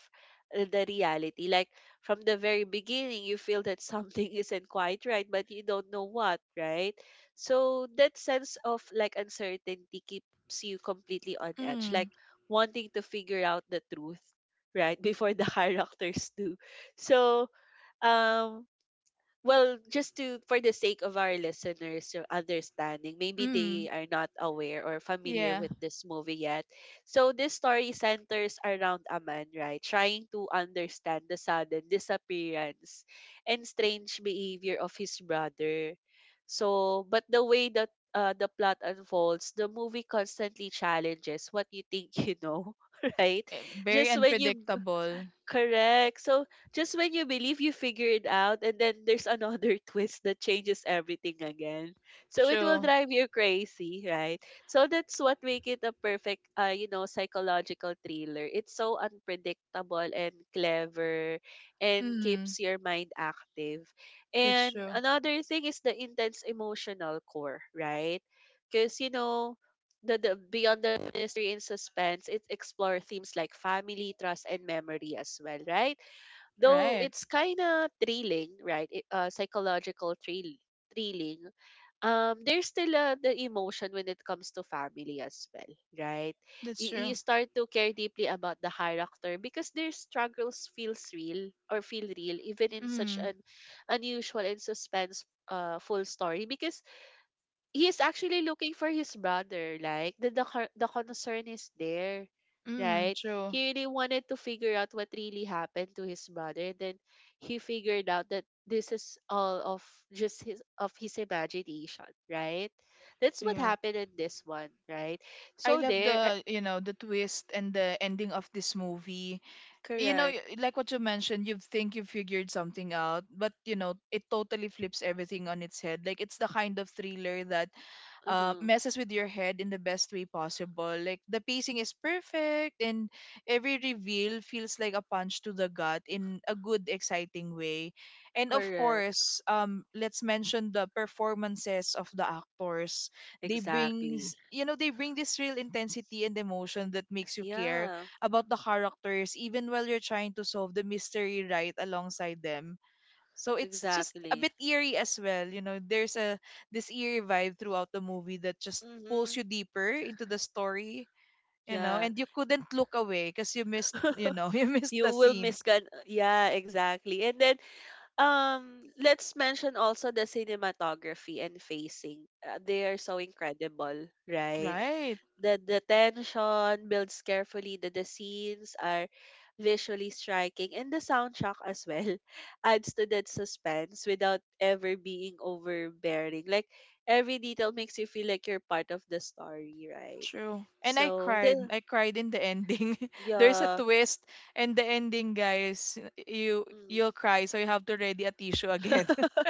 Speaker 1: the reality. Like, from the very beginning, you feel that something isn't quite right, but you don't know what, right? So, that sense of like uncertainty keeps you completely on edge, like
Speaker 2: Mm,
Speaker 1: wanting to figure out the truth, right? Before the characters do. So, um, well, just to for the sake of our listeners, your understanding, maybe
Speaker 2: mm,
Speaker 1: they are not aware or familiar
Speaker 2: yeah.
Speaker 1: with this movie yet. So this story centers around a man, right, trying to understand the sudden disappearance and strange behavior of his brother. So but the way that the plot unfolds, the movie constantly challenges what you think you know, right?
Speaker 2: Very
Speaker 1: just when you
Speaker 2: unpredictable.
Speaker 1: Correct. So just when you believe you figure it out, and then there's another twist that changes everything again. So it will
Speaker 2: True.
Speaker 1: drive you crazy, right? So that's what make it a perfect, you know, psychological thriller. It's so unpredictable and clever, and
Speaker 2: Mm,
Speaker 1: keeps your mind active.
Speaker 2: that's
Speaker 1: And
Speaker 2: true.
Speaker 1: another thing is the intense emotional core, right? Because you know, the beyond the mystery and suspense, it explores themes like family, trust, and memory as well, right? Though
Speaker 2: Right.
Speaker 1: it's kind of thrilling, right? It, psychological thrill, thrilling. There's still the emotion when it comes to family as well, right?
Speaker 2: That's
Speaker 1: You
Speaker 2: true.
Speaker 1: start to care deeply about the character because their struggles feels real or feel real even in such
Speaker 2: Mm,
Speaker 1: an unusual and suspense full story, because he's actually looking for his brother. Like the concern is there,
Speaker 2: mm,
Speaker 1: right?
Speaker 2: true.
Speaker 1: He really wanted to figure out what really happened to his brother. Then he figured out that this is all of just his of his imagination, right? That's what
Speaker 2: Yeah.
Speaker 1: happened in this one, right?
Speaker 2: I
Speaker 1: So
Speaker 2: love
Speaker 1: there,
Speaker 2: the twist and the ending of this movie. you know, y-
Speaker 1: correct,
Speaker 2: like what you mentioned, you think you figured something out, but it totally flips everything on its head. Like it's the kind of thriller that
Speaker 1: uh
Speaker 2: messes with your head in the best way possible. Like the pacing is perfect, and every reveal feels like a punch to the gut in a good, exciting way. And of
Speaker 1: correct,
Speaker 2: course, let's mention the performances of the actors. They
Speaker 1: exactly,
Speaker 2: brings you know they bring this real intensity and emotion that makes you care
Speaker 1: yeah,
Speaker 2: about the characters, even while you're trying to solve the mystery right alongside them. So it's just a
Speaker 1: exactly.
Speaker 2: bit eerie as well. You know, there's a this eerie vibe throughout the movie that just pulls
Speaker 1: Mm-hmm.
Speaker 2: you deeper into the story,
Speaker 1: Yeah.
Speaker 2: and you couldn't look away because you missed, you know, you missed
Speaker 1: you
Speaker 2: the
Speaker 1: will
Speaker 2: scene.
Speaker 1: miss gan, yeah, exactly. And then let's mention also the cinematography and facing. They are so incredible, right?
Speaker 2: Right.
Speaker 1: The tension builds carefully. The scenes are visually striking, and the soundtrack as well adds to that suspense without ever being overbearing. Like every detail makes you feel like you're part of the story, right?
Speaker 2: True. And I
Speaker 1: So the
Speaker 2: cried. I cried in the ending. There's a
Speaker 1: yeah.
Speaker 2: twist and the ending, guys, you'll cry, so you have to ready a tissue
Speaker 1: Mm.
Speaker 2: again.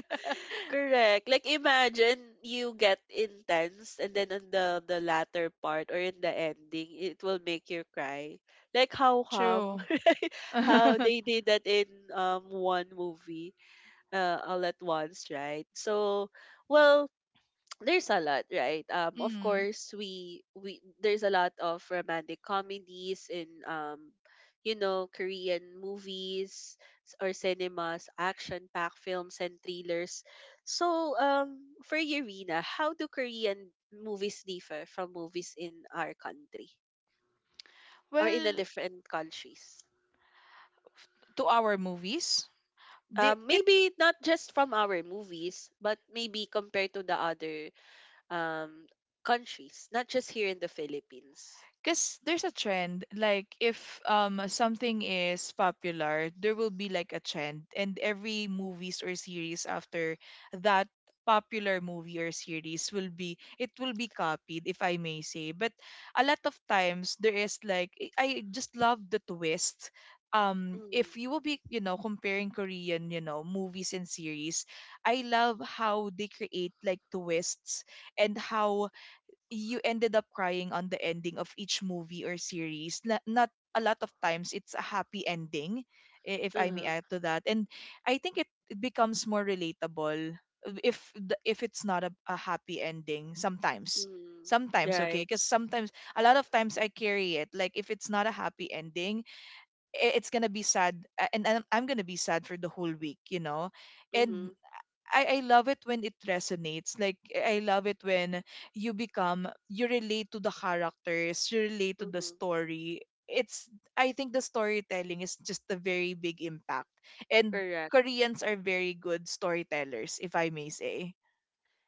Speaker 1: Correct. Like imagine you get intense and then in the latter part or in the ending it will make you cry. Like how
Speaker 2: True.
Speaker 1: come, right? How
Speaker 2: Mm.
Speaker 1: they did that in one movie all at once, right? So well there's a lot, right? Of course we there's a lot of romantic comedies in, you know, Korean movies, or cinemas, action packed films and thrillers. So for you, how do Korean movies differ from movies in our country or in the
Speaker 2: Well,
Speaker 1: different countries?
Speaker 2: to our movies, the, it
Speaker 1: Maybe not just from our movies but maybe compared to the other, um countries, not just here in the Philippines.
Speaker 2: because there's a trend, like if something is popular, there will be like a trend, and every movies or series after that popular movie or series will be it will be copied, if I may say. But a lot of times there is, like, I just love the twist.
Speaker 1: Mm.
Speaker 2: If you will be, comparing Korean, movies and series, I love how they create like twists, and how you ended up crying on the ending of each movie or series. Not a lot of times it's a happy ending, if I may
Speaker 1: Uh-huh.
Speaker 2: add to that. And I think it becomes more relatable if it's not a happy ending sometimes.
Speaker 1: Mm.
Speaker 2: Sometimes, okay,
Speaker 1: Right.
Speaker 2: because sometimes a lot of times I carry it. Like if it's not a happy ending, it's gonna be sad, and I'm gonna be sad for the whole week. And
Speaker 1: Mm-hmm.
Speaker 2: I love it when it resonates. Like I love it when you relate to the characters, you relate to the
Speaker 1: Mm-hmm.
Speaker 2: story. It's I think the storytelling is just a very big impact. And
Speaker 1: Correct.
Speaker 2: Koreans are very good storytellers, if I may say.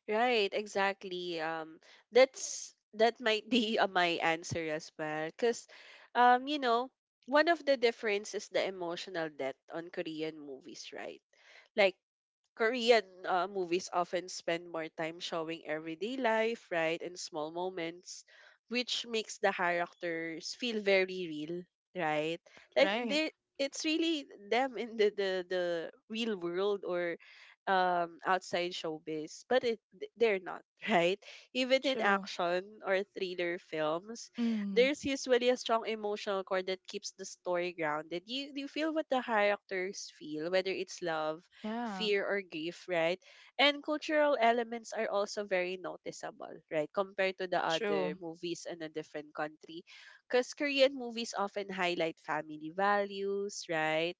Speaker 1: Right, exactly. That's that might be, my answer as well, because, you know, one of the difference is the emotional depth on Korean movies, right? Like Korean, movies often spend more time showing everyday life, right, and small moments, which makes the characters feel very real, right? Like
Speaker 2: Right.
Speaker 1: they, it's really them in the real world or outside showbiz, but they're not, right? Even in
Speaker 2: True.
Speaker 1: action or thriller films,
Speaker 2: Mm.
Speaker 1: there's usually a strong emotional core that keeps the story grounded. You feel what the characters feel, whether it's love,
Speaker 2: Yeah.
Speaker 1: fear or grief, right? And cultural elements are also very noticeable, right? Compared to the other
Speaker 2: True.
Speaker 1: movies in a different country. Because Korean movies often highlight family values, right?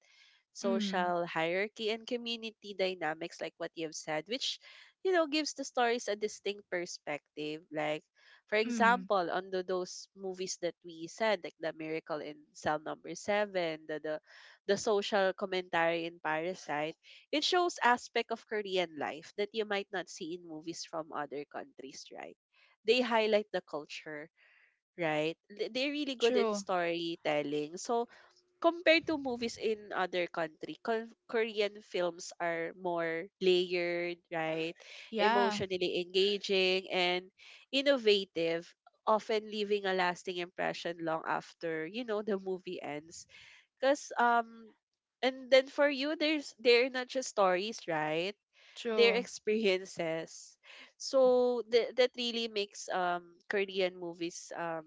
Speaker 2: Mm.
Speaker 1: Social hierarchy and community dynamics, like what you have said, which you know gives the stories a distinct perspective. Like for
Speaker 2: Mm.
Speaker 1: example on those movies that we said, like the Miracle in Cell Number 7, the social commentary in Parasite, it shows aspect of Korean life that you might not see in movies from other countries, right? They highlight the culture, right? They're really good in
Speaker 2: True.
Speaker 1: storytelling. So compared to movies in other country, Korean films are more layered, right?
Speaker 2: Yeah.
Speaker 1: Emotionally engaging and innovative, often leaving a lasting impression long after, you know, the movie ends. Cause and then for you there's they're not just stories, right? They're
Speaker 2: True.
Speaker 1: experiences. So that really makes Korean movies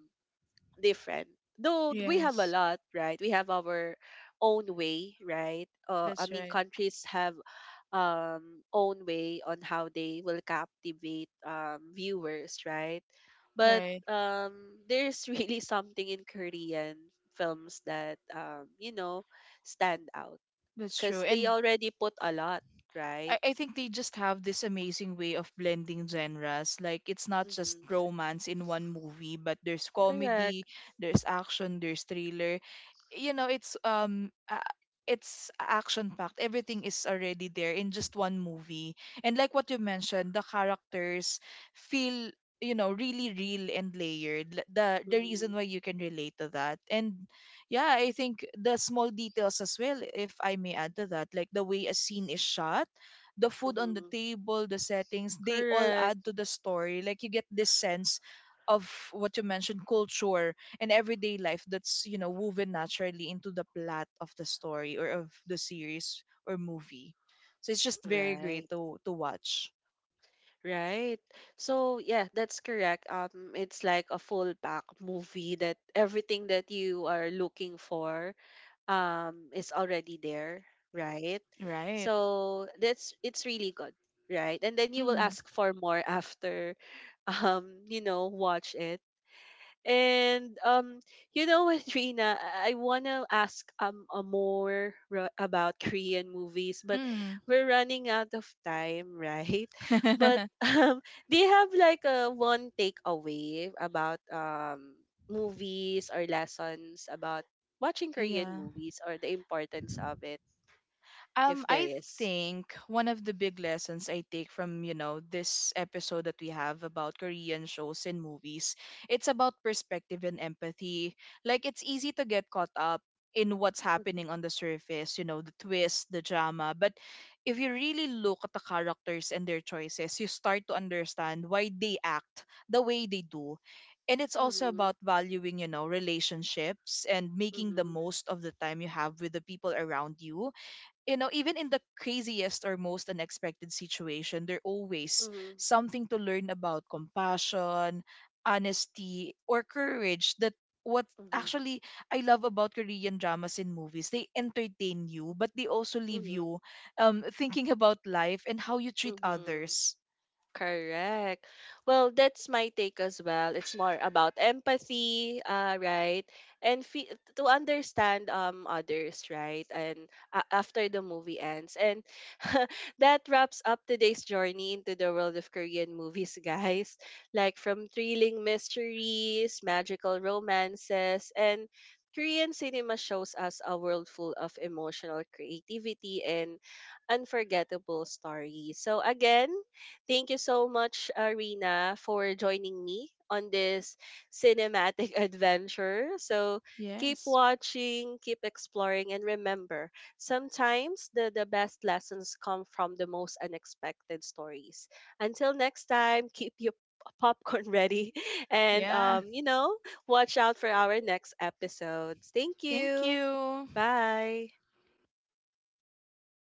Speaker 1: different. Though we have a
Speaker 2: Yes.
Speaker 1: lot, right? We have our own way, right? I
Speaker 2: That's
Speaker 1: mean
Speaker 2: right.
Speaker 1: countries have, um, own way on how they will captivate, viewers, right? But
Speaker 2: Right.
Speaker 1: there's really something in Korean films that, you know, stand out
Speaker 2: That's
Speaker 1: because
Speaker 2: true.
Speaker 1: they
Speaker 2: And
Speaker 1: already put a lot, right?
Speaker 2: I think they just have this amazing way of blending genres. Like it's not just
Speaker 1: Mm-hmm.
Speaker 2: romance in one movie, but there's
Speaker 1: Correct.
Speaker 2: comedy, there's action, there's thriller you know it's um uh, it's action packed, everything is already there in just one movie. And like what you mentioned, the characters feel, really real and layered. The
Speaker 1: Mm-hmm.
Speaker 2: reason why you can relate to that. And yeah, I think the small details as well, if I may add to that, like the way a scene is shot, the food on the
Speaker 1: Mm-hmm.
Speaker 2: table, the settings, they all add
Speaker 1: Correct.
Speaker 2: to the story. Like you get this sense of what you mentioned, culture and everyday life that's woven naturally into the plot of the story or of the series or movie. So it's just very great
Speaker 1: Right.
Speaker 2: to watch.
Speaker 1: Right. So yeah, that's correct. It's like a full pack movie that everything that you are looking for is already there, right?
Speaker 2: Right.
Speaker 1: So that's it's really good, right? And then you will
Speaker 2: Mm,
Speaker 1: ask for more after you know watch it. And you know what, Trina, I want to ask more about Korean movies, but
Speaker 2: mm.
Speaker 1: we're running out of time, right? But do you have like a one takeaway about movies or lessons about watching Korean
Speaker 2: Yeah.
Speaker 1: movies or the importance of it, if there
Speaker 2: I
Speaker 1: is?
Speaker 2: think one of the big lessons I take from, this episode that we have about Korean shows and movies, it's about perspective and empathy. Like it's easy to get caught up in what's happening on
Speaker 1: Mm-hmm.
Speaker 2: the surface, the twist, the drama, but if you really look at the characters and their choices, you start to understand why they act the way they do. And it's also
Speaker 1: Mm-hmm.
Speaker 2: about valuing, relationships and making the
Speaker 1: Mm-hmm.
Speaker 2: most of the time you have with the people around you. Even in the craziest or most unexpected situation, there's always
Speaker 1: Mm-hmm.
Speaker 2: something to learn about compassion, honesty, or courage that what actually I love about Korean dramas and movies: they entertain you, but they also leave
Speaker 1: Mm-hmm.
Speaker 2: you thinking about life and how you treat
Speaker 1: Mm-hmm.
Speaker 2: others.
Speaker 1: Correct. Well, that's my take as well. It's more about empathy, right? And to understand others, right? And a after the movie ends. And that wraps up today's journey into the world of Korean movies, guys. Like from thrilling mysteries, magical romances, and Korean cinema shows us a world full of emotional creativity and unforgettable stories. So again, thank you so much, Rina, for joining me on this cinematic adventure. So keep
Speaker 2: Yes.
Speaker 1: watching, keep exploring, and remember sometimes the best lessons come from the most unexpected stories. Until next time, keep your popcorn ready and,
Speaker 2: Yeah.
Speaker 1: you know, watch out for our next episodes. Thank
Speaker 2: Thank
Speaker 1: you.
Speaker 2: you.
Speaker 1: Bye.